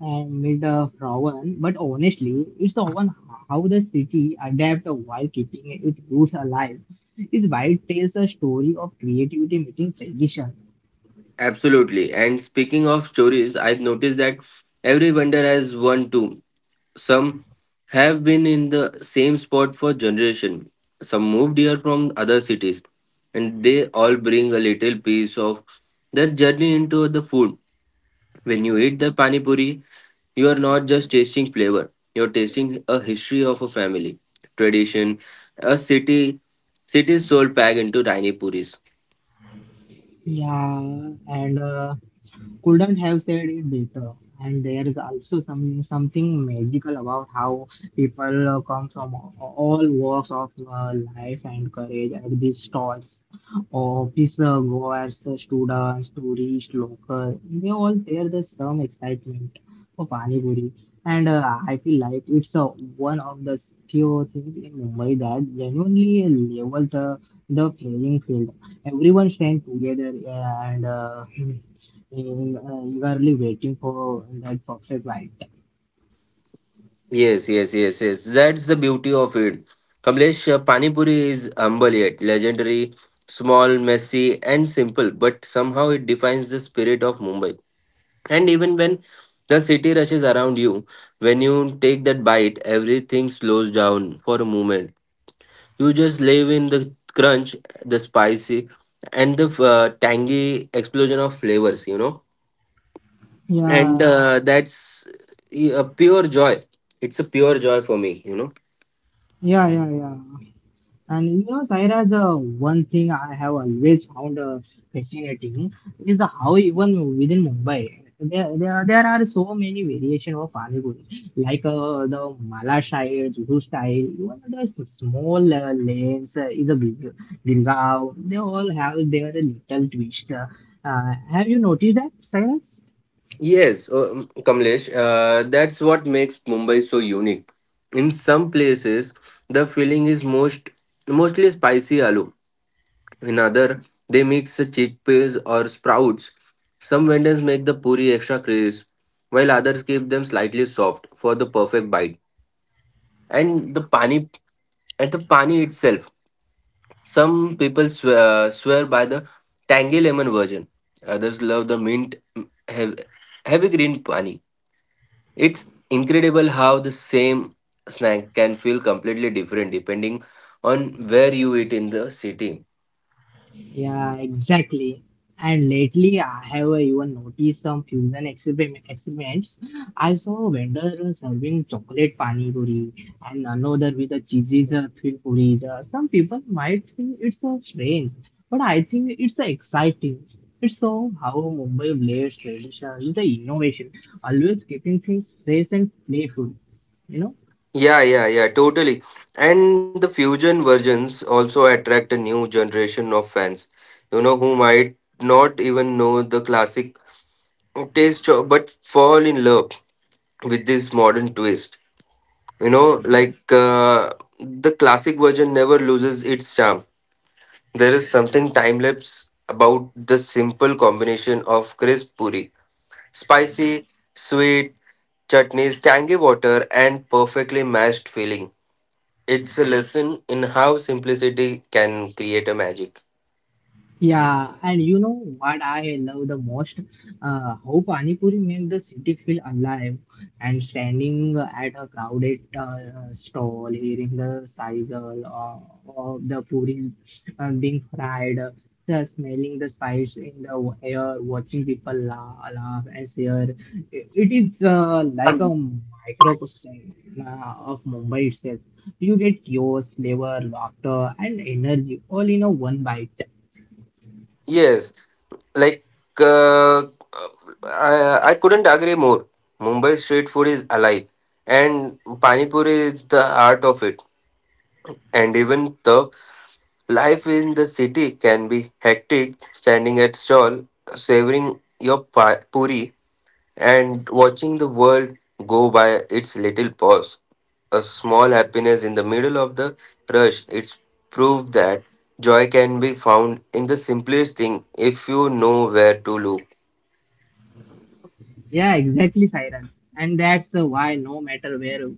[SPEAKER 1] and made a rawan, but honestly, it's often how the city adapt while keeping its roots alive. It's why it tells a story of creativity meeting tradition.
[SPEAKER 2] Absolutely. And speaking of stories, I've noticed that every vendor has one too. Some have been in the same spot for generation. Some moved here from other cities, and they all bring a little piece of their journey into the food. When you eat the pani puri, you are not just tasting flavor, you're tasting a history of a family, tradition, a city, city's soul packed into tiny puris.
[SPEAKER 1] Yeah, and Couldn't have said it better. And there is also something magical about how people come from all walks of life and courage at these stalls. Office goers, students, tourists, local, they all share the some excitement for Pani Puri. And I feel like it's one of the few things in Mumbai that genuinely level the playing field everyone stand together and in, eagerly waiting for that perfect light.
[SPEAKER 2] Yes, yes, yes, yes, that's the beauty of it. Kamlesh, Pani Puri is humble yet legendary, small, messy, and simple, but somehow it defines the spirit of Mumbai. And even when the city rushes around you, when you take that bite, everything slows down for a moment. You just live in the crunch, the spicy, and the tangy explosion of flavors, you know. And
[SPEAKER 1] Yeah,
[SPEAKER 2] that's a pure joy. It's a pure joy for me, you know.
[SPEAKER 1] yeah. And you know, Saira, the one thing I have always found fascinating is how even within Mumbai, there are so many variation of Pani Puri, like the Mala style, Juhu style, even the small lanes is a big Gurgaon. They all have their little twist. Have you noticed that, Saira?
[SPEAKER 2] Yes, Kamlesh, that's what makes Mumbai so unique. In some places, the filling is mostly spicy aloo. In other, they mix the chickpeas or sprouts. Some vendors make the puri extra crisp, while others keep them slightly soft for the perfect bite. And the pani at the pani itself, some people swear by the tangy lemon version. Others love the mint heavy, heavy green pani. It's incredible how the same snack can feel completely different depending on where you eat in the city.
[SPEAKER 1] Yeah, exactly. And lately, I have even noticed some fusion experiments. I saw a vendor serving chocolate pani puri and another with a cheesy filled puris. Some people might think it's strange, but I think it's exciting. It's so how Mumbai blends tradition with the innovation, always keeping things fresh and playful. You know.
[SPEAKER 2] Yeah, yeah, yeah, totally. And the fusion versions also attract a new generation of fans, you know, who might not even know the classic taste of, but fall in love with this modern twist. You know, the classic version never loses its charm. There is something time lapse about the simple combination of crisp puri, spicy, sweet, chutneys, tangy water, and perfectly mashed filling. It's a lesson in how simplicity can create a magic.
[SPEAKER 1] Yeah, and you know what I love the most? How Pani Puri makes the city feel alive and standing at a crowded stall, hearing the sizzle of the puri being fried, the smelling the spice in the air, watching people la laugh and share. It is like a microcosm of Mumbai itself. You get chaos, flavor, laughter, and energy all in a one bite.
[SPEAKER 2] Yes, like uh, I couldn't agree more. Mumbai street food is alive, and pani puri is the art of it. And even though life in the city can be hectic, standing at stall, savoring your puri and watching the world go by its little pause, a small happiness in the middle of the rush. It's proof that joy can be found in the simplest thing if you know where to look.
[SPEAKER 1] Yeah, exactly, Cyrus. And that's why no matter where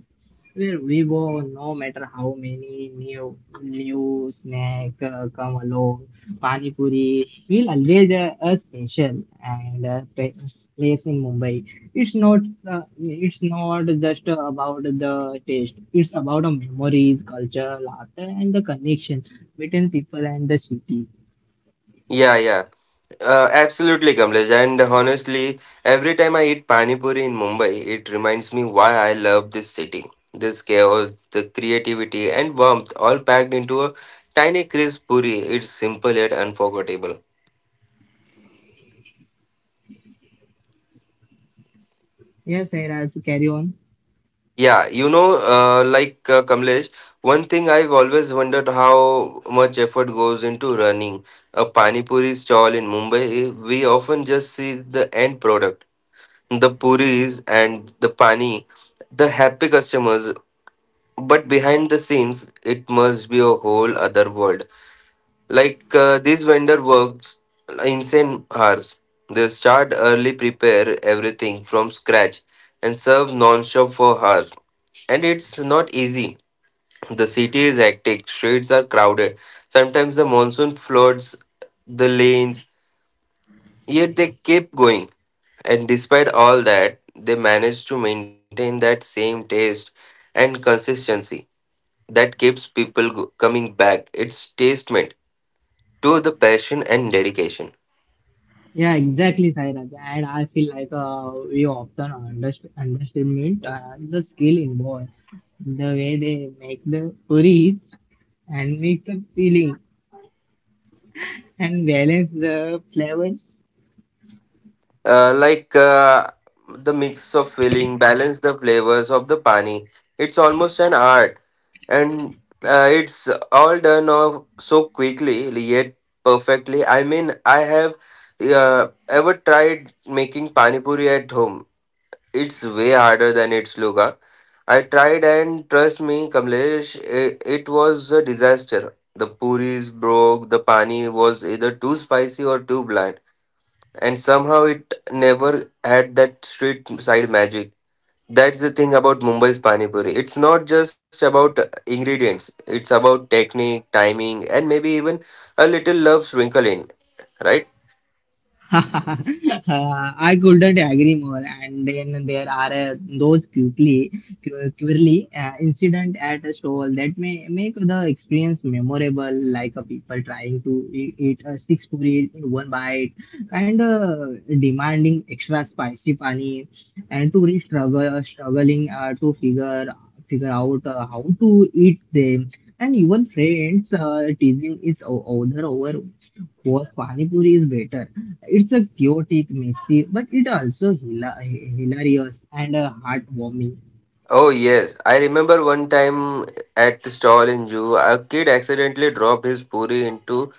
[SPEAKER 1] where we go, no matter how many new snack come along, pani puri will always a special and place in Mumbai. It's not it's not just about the taste. It's about the memories, culture, laughter, and the connection between people and the city.
[SPEAKER 2] Yeah, absolutely, Kamlesh. And honestly, every time I eat pani puri in Mumbai, it reminds me why I love this city. This chaos, the creativity, and warmth all packed into a tiny crisp puri. It's simple yet unforgettable.
[SPEAKER 1] Yes, Cyrus, carry on.
[SPEAKER 2] Yeah, you know, Kamlesh, one thing I've always wondered how much effort goes into running a pani puri stall in Mumbai. We often just see the end product, the puris and the pani, the happy customers. But behind the scenes, it must be a whole other world. This vendor works insane hours. They start early, prepare everything from scratch, and serve non-stop for hours. And it's not easy. The city is hectic, streets are crowded. Sometimes the monsoon floods the lanes, yet they keep going. And despite all that, they manage to maintain that same taste and consistency that keeps coming back. It's testament to the passion and dedication.
[SPEAKER 1] Yeah, exactly, Sairaj. And I feel like we often underestimate the skill involved, the way they make the porridge and mix the filling and balance the flavors.
[SPEAKER 2] uh, like uh, the mix of filling balance the flavors of the pani, it's almost an art, and it's all done off so quickly yet perfectly. I mean, I have ever tried making pani puri at home, it's way harder than it's look. Huh? I tried, and trust me Kamlesh, it was a disaster. The puris broke, the pani was either too spicy or too bland, and somehow it never had that street side magic. That's the thing about Mumbai's Pani Puri. It's not just about ingredients, it's about technique, timing, and maybe even a little love sprinkled in, right?
[SPEAKER 1] I couldn't agree more. And then there are purely incident at a stall that may make the experience memorable, like a people trying to eat a six puri in one bite, kind of demanding extra spicy pani, and tourists struggling to figure out how to eat them. And even friends teasing each other over was Pani Puri is better. It's a chaotic, messy, but it also hilarious and heartwarming.
[SPEAKER 2] Oh, yes. I remember one time at the stall in Jew, a kid accidentally dropped his puri into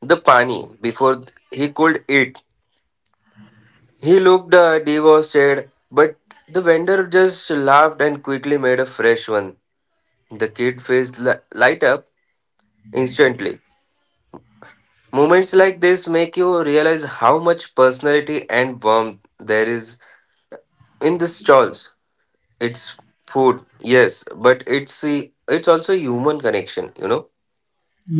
[SPEAKER 2] the pani before he could eat. He looked devastated, but the vendor just laughed and quickly made a fresh one. The light up instantly. Moments like this make you realize how much personality and warmth there is in the stalls. It's food, yes, but it's also human connection, you know.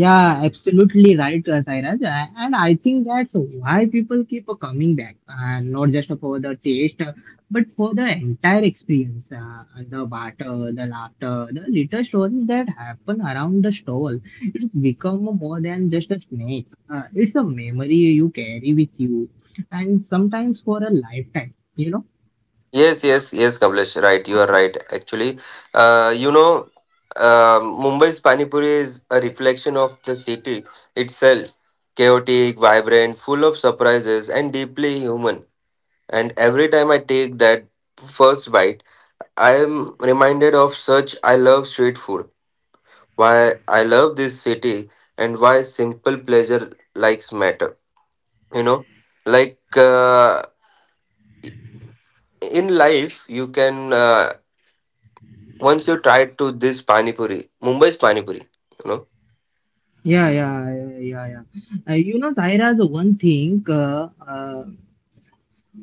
[SPEAKER 1] Yeah, absolutely right, Sairaj. And I think that's why people keep coming back, and not just for the taste, but for the entire experience. The barter, the laughter, the little stories that happen around the stall. It's become more than just a snack. It's a memory you carry with you, and sometimes for a lifetime. You know.
[SPEAKER 2] Yes, yes, yes, Kamlesh, right, you are right. Actually, you know, Mumbai's Pani Puri is a reflection of the city itself, chaotic, vibrant, full of surprises, and deeply human. And every time I take that first bite, I am reminded of such I love street food, why I love this city, and why simple pleasure likes matter. You know, like uh, in life, you can once you try to this pani puri, Mumbai's pani puri. You
[SPEAKER 1] Yeah. You know, Saira, the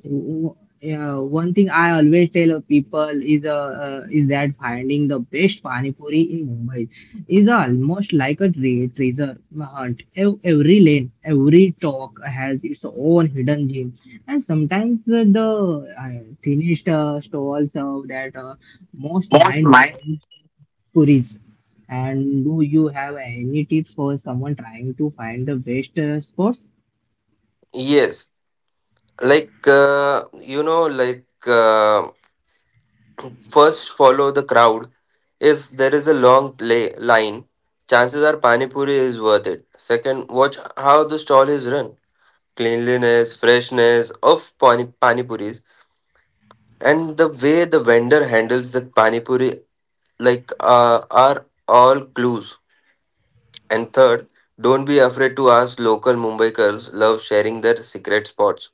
[SPEAKER 1] w- yeah, one thing I always tell of people is that finding the best pani puri in Mumbai is almost like a treasure hunt. Every lane, every talk has its own hidden gem, and sometimes the finished stalls serve that most
[SPEAKER 2] know,
[SPEAKER 1] mind-blowing puris. And do you have any tips for someone trying to find the best spots?
[SPEAKER 2] yes, like uh, you know, like. Uh, First, follow the crowd. If there is a line, chances are Pani Puri is worth it. Second, watch how the stall is run. Cleanliness, freshness of Pani, Pani Puris, and the way the vendor handles the Pani Puri are all clues. And third, don't be afraid to ask local Mumbaikars love sharing their secret spots.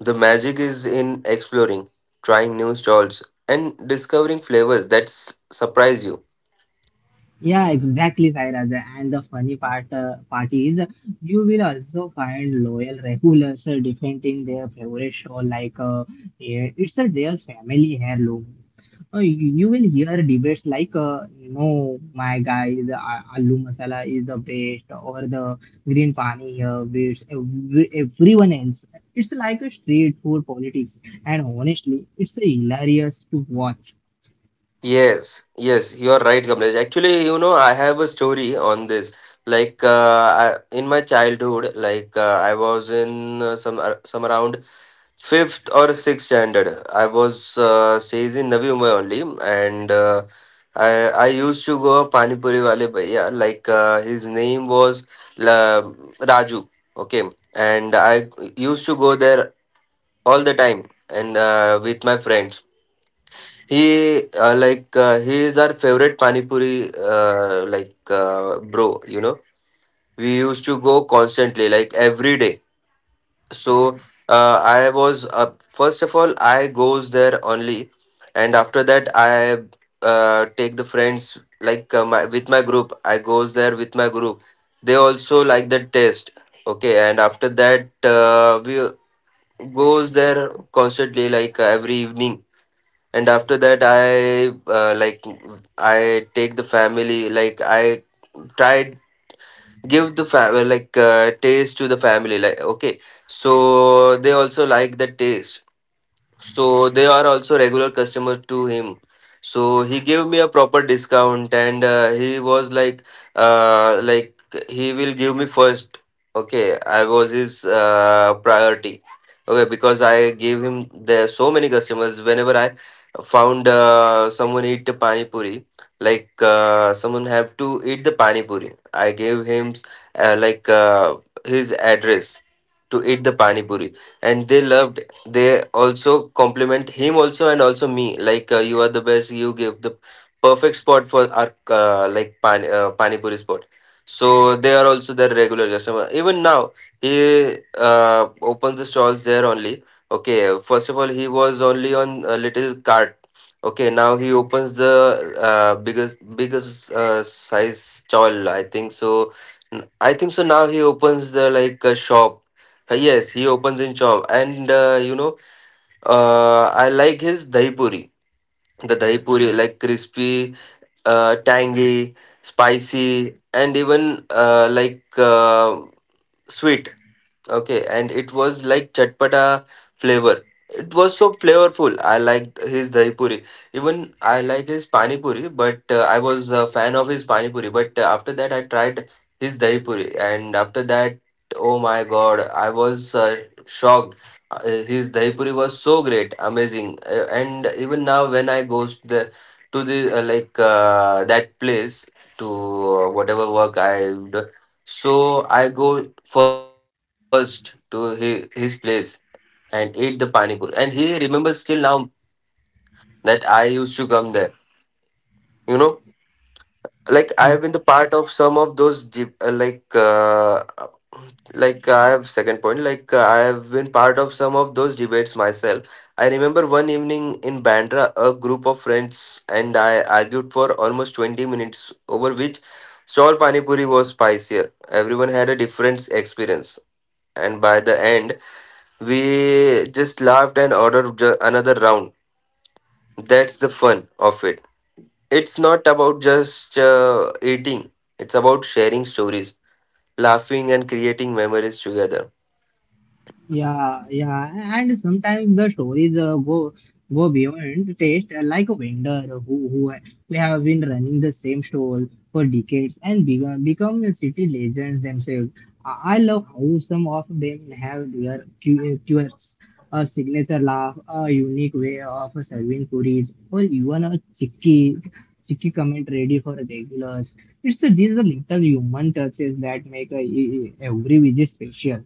[SPEAKER 2] The magic is in exploring, trying new stalls, and discovering flavors surprise you.
[SPEAKER 1] Yeah, exactly, Sairaj. And the funny part is you will also find loyal regulars defending their favorite show like eh, it's their family heirloom. Oh, you will hear debates like, no, my guy, the aloo masala is the best, or the green pani here beats everyone else. It's like a street food politics, and honestly, it's hilarious to watch.
[SPEAKER 2] Yes, yes, you are right, Kamlesh. Actually, you know, I have a story on this. In my childhood, I was in some around fifth or sixth standard. I was stays in Navi Mumbai only, and I used to go Pani Puri wale bhaiya. His name was La, Raju. Okay, and I used to go there all the time and with my friends. He he is our favorite pani puri bro. You know we used to go constantly like every day. So I was first of all I goes there only, and after that I take the friends with my group. I goes there with my group. They also like the taste. Okay, and after that we goes there constantly like every evening, and after that uh, like I take the family, like I tried give the family taste to the family, like okay, so they also like the taste, so they are also regular customers to him. So he gave me a proper discount, and he was like uh, like he will give me first, okay, I was his priority. Okay, because I gave him there so many customers whenever I found someone eat the pani puri, someone have to eat the pani puri, I gave him uh, like uh, his address to eat the pani puri, and they loved. They also compliment him also and also me like, you are the best, you give the perfect spot for our pani puri spot. So they are also their regular customer even now. He opens the stalls there only. Okay, first of all he was only on a little cart. Okay, now he opens the biggest size stall I think so. I think so now he opens the like a shop. Yes, he opens in Chom, and you know, I like his dahi puri. The dahi puri, like crispy, tangy, spicy, and even sweet. Okay, and it was like chatpata flavor. It was so flavorful. I liked his dahi puri. Even I like his pani puri, but I was a fan of his pani puri. But after that, I tried his dahi puri, and after that, oh my God, I was shocked. Uh, his dahi puri was so great, amazing. And even now, when I goes to the like that place, to whatever work I do. So I go first to his place and ate the pani puri. And he remembers till now that I used to come there. You know like I have been the part of some of those deep, I have second point I have been part of some of those debates myself. I remember one evening in Bandra, a group of friends and I argued for almost 20 minutes over which stall pani puri was spicier. Everyone had a different experience, and by the end, we just laughed and another round. That's the fun of it. It's not about just eating, it's about sharing stories, laughing, and creating memories together.
[SPEAKER 1] Yeah, and sometimes the stories go beyond taste, like a vendor who have been running the same stall for decades and become a city legends themselves. I love how some of them have their quirks, a signature laugh, a unique way of serving puris, or even a cheeky comment ready for regulars. It's these are little human touches that make every visit special.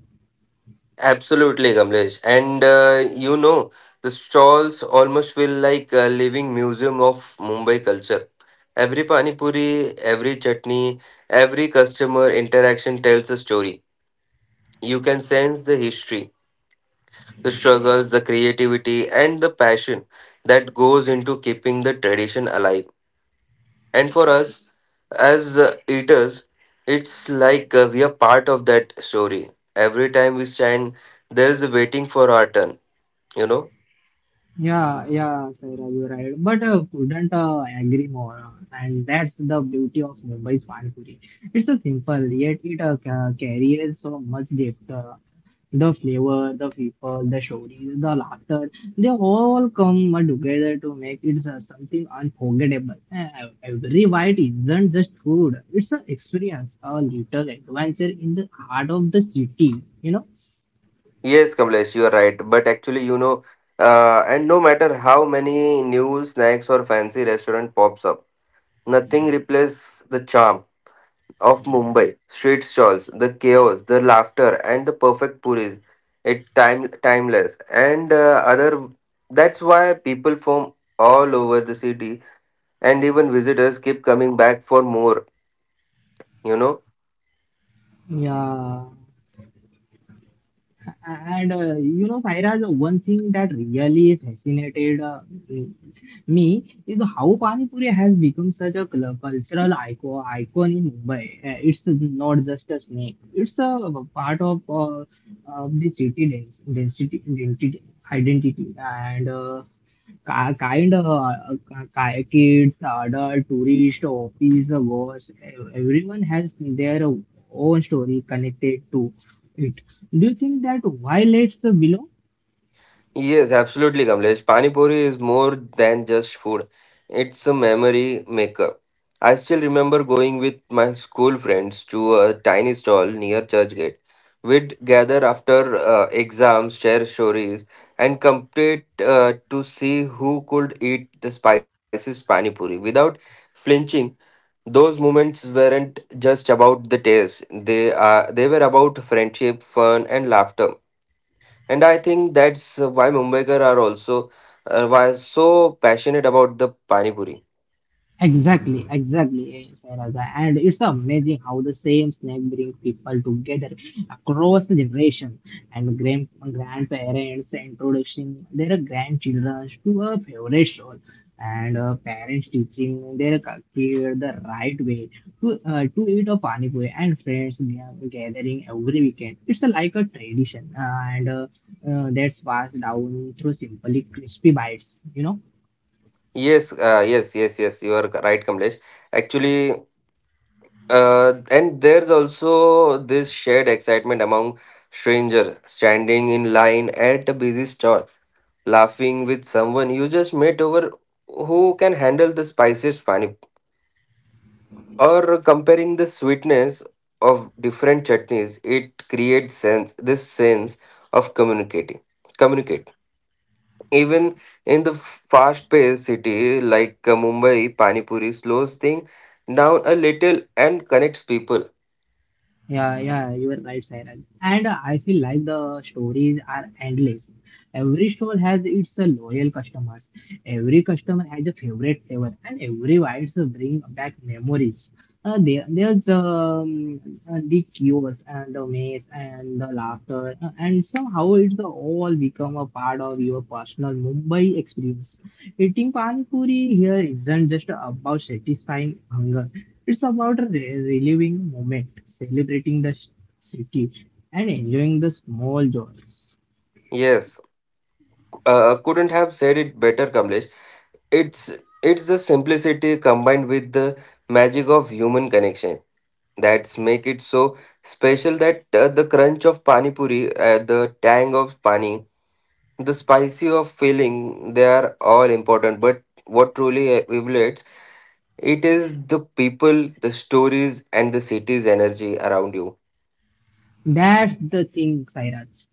[SPEAKER 2] Absolutely, Kamlesh. And you know, the stalls almost feel like a living museum of Mumbai culture. Every pani puri, every chutney, every customer interaction tells a story. You can sense the history, the struggles, the creativity, and the passion that goes into keeping the tradition alive. And for us as eaters, it's we are part of that story. Every time we stand, there is a waiting for our turn, you know?
[SPEAKER 1] Yeah, yeah, Saira, you're right. But couldn't agree more. And that's the beauty of Mumbai's Panipuri. It's a simple, yet it carries so much depth. The flavor, the people, the stories, the laughter, they all come together to make it something unforgettable. Every bite isn't just food, it's an experience, a little adventure in the heart of the city, you know?
[SPEAKER 2] Yes, Kamlesh, you are right. But actually, you know, and no matter how many new snacks or fancy restaurant pops up, nothing replaces the charm of Mumbai street stalls, the chaos, the laughter, and the perfect puris. It timeless, and other. That's why people from all over the city and even visitors keep coming back for more, you know.
[SPEAKER 1] Yeah. And you know, Sairaj, one thing that really fascinated me is how Pani Puri has become such a cultural icon in Mumbai. It's not just a snack; it's a part of the city identity, identity. Kind of kids, adult, tourist, office, boss, everyone has their own story connected to it. Do you think that why let's belong?
[SPEAKER 2] Yes, absolutely, Kamlesh, pani puri is more than just food, it's a memory maker. I still remember going with my school friends to a tiny stall near Churchgate. We'd gather after exams, share stories, and compete to see who could eat the spiciest pani puri without flinching. Those moments weren't just about the taste, they were about friendship, fun, and laughter. And I think that's why Mumbaikar are also why so passionate about the pani puri.
[SPEAKER 1] Exactly, exactly, Sarah. And it's amazing how the same snack brings people together across the generation and grandparents introducing their grandchildren to a favorite show and parents teaching their kid the right way to eat a pani puri and friends gathering every weekend. It's a, like a tradition and that's passed down through simply crispy bites, you know.
[SPEAKER 2] Yes, yes, yes, yes, you are right, Kamlesh. Actually, and there's also this shared excitement among strangers standing in line at a busy stall, laughing with someone you just met over who can handle the spiciest pani, or comparing the sweetness of different chutneys. It creates sense, this sense of communicating, communicate, even in the fast paced city like Mumbai. Pani puri slows thing down a little and connects people.
[SPEAKER 1] Yeah, yeah, you are right, Sairaj. And I feel like the stories are endless. Every store has its loyal customers. Every customer has a favorite flavor, and every wines bring back memories. There, there's the chaos and the maze and the laughter, and somehow it's all become a part of your personal Mumbai experience. Eating pani puri here isn't just about satisfying hunger. It's about reliving moment, celebrating the city, and enjoying the small joys.
[SPEAKER 2] Yes, couldn't have said it better, Kamlesh. it's it's the simplicity combined with the magic of human connection that's make it so special. That the crunch of pani puri, the tang of pani, the spicy of feeling, they are all important, but what truly evaluates it is the people, the stories, and the city's energy around you.
[SPEAKER 1] That's the thing, Sairaj.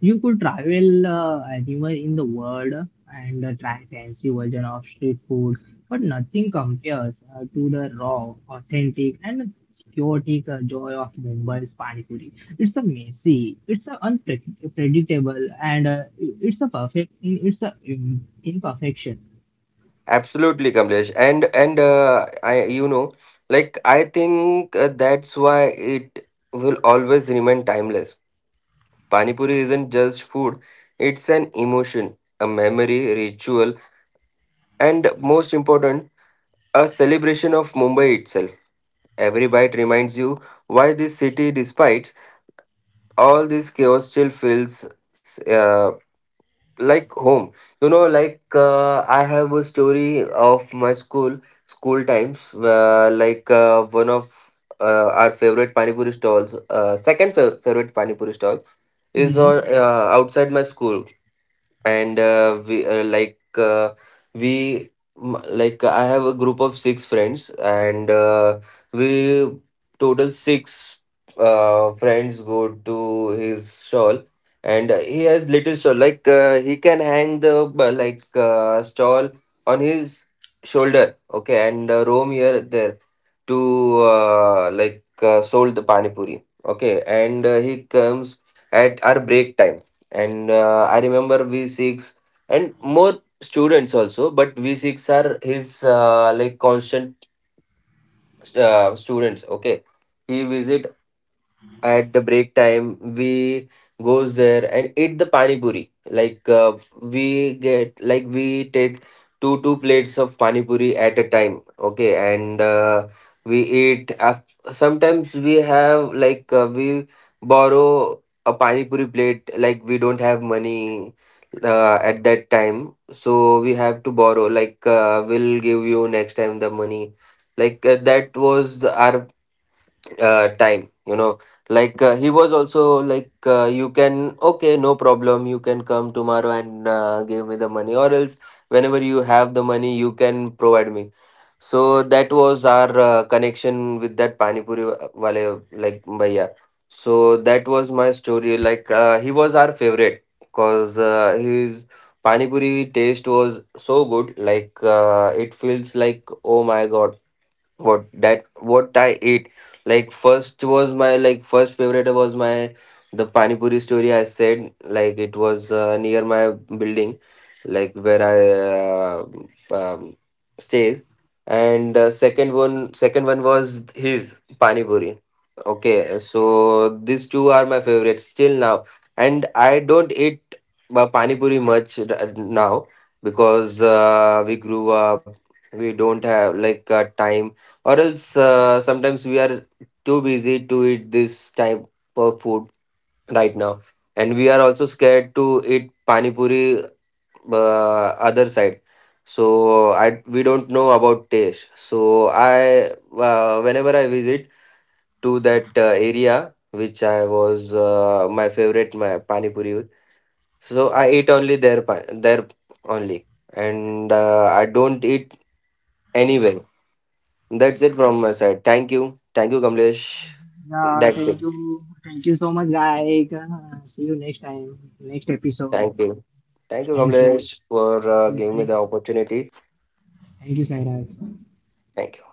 [SPEAKER 1] You could travel anywhere in the world and try fancy version of street food, but nothing compares to the raw, authentic, and chaotic joy of Mumbai's pani puri. It's a messy, it's a unpredictable, and it's a perfect, it's a imperfection.
[SPEAKER 2] Absolutely, Kamlesh. And I you know, like I think that's why it will always remain timeless. Pani puri isn't just food, it's an emotion, a memory ritual, and most important, a celebration of Mumbai itself. Every bite reminds you why this city, despite all this chaos, still feels uh, like home, you know. I have a story of my school times, one of our favorite pani puri stalls, favorite pani puri stall is on
[SPEAKER 1] Yes,
[SPEAKER 2] outside my school. And we like we m- like I have a group of six friends, and we total six friends go to his stall. And he has little stall, he can hang the stall on his shoulder, okay, and roam here there to sold the pani puri. Okay, and he comes at our break time. And I remember v6 and more students also, but v6 are his constant students, okay. He visit at the break time, we goes there and eat the pani puri. We get, like we take two plates of pani puri at a time, okay. And we eat af- sometimes we have we borrow a pani puri plate, like we don't have money at that time, so we have to borrow, like we'll give you next time the money. That was our time, you know. He was also like, you can okay, no problem, you can come tomorrow and give me the money, or else whenever you have the money you can provide me. So that was our connection with that pani puri wale like bhaiya. So that was my story. He was our favorite cause his pani puri taste was so good, it feels like, oh my god, what that what I ate. Like first was my, like first favorite was my the pani puri story I said, like it was near my building like where I uh, um, stays. And second one was his pani puri. Okay, so these two are my favorites still now, and I don't eat pani puri now, because we grew up, we don't have time, or else sometimes we are too busy to eat this type of food right now. And we are also scared to eat pani puri other side, so I we don't know about taste. So I whenever I visit to that area which I was my favorite my pani puri, so I eat only there only, and I don't eat anywhere. That's it from my side. Thank you. Thank you, Kamlesh.
[SPEAKER 1] yeah,
[SPEAKER 2] That's it.
[SPEAKER 1] thank you. Thank you so much, Gaik. See you next time, next episode.
[SPEAKER 2] Thank you. Thank you,
[SPEAKER 1] Thank you.
[SPEAKER 2] Kamlesh, for giving me the opportunity.
[SPEAKER 1] Thank you, Sairaj.
[SPEAKER 2] Thank you.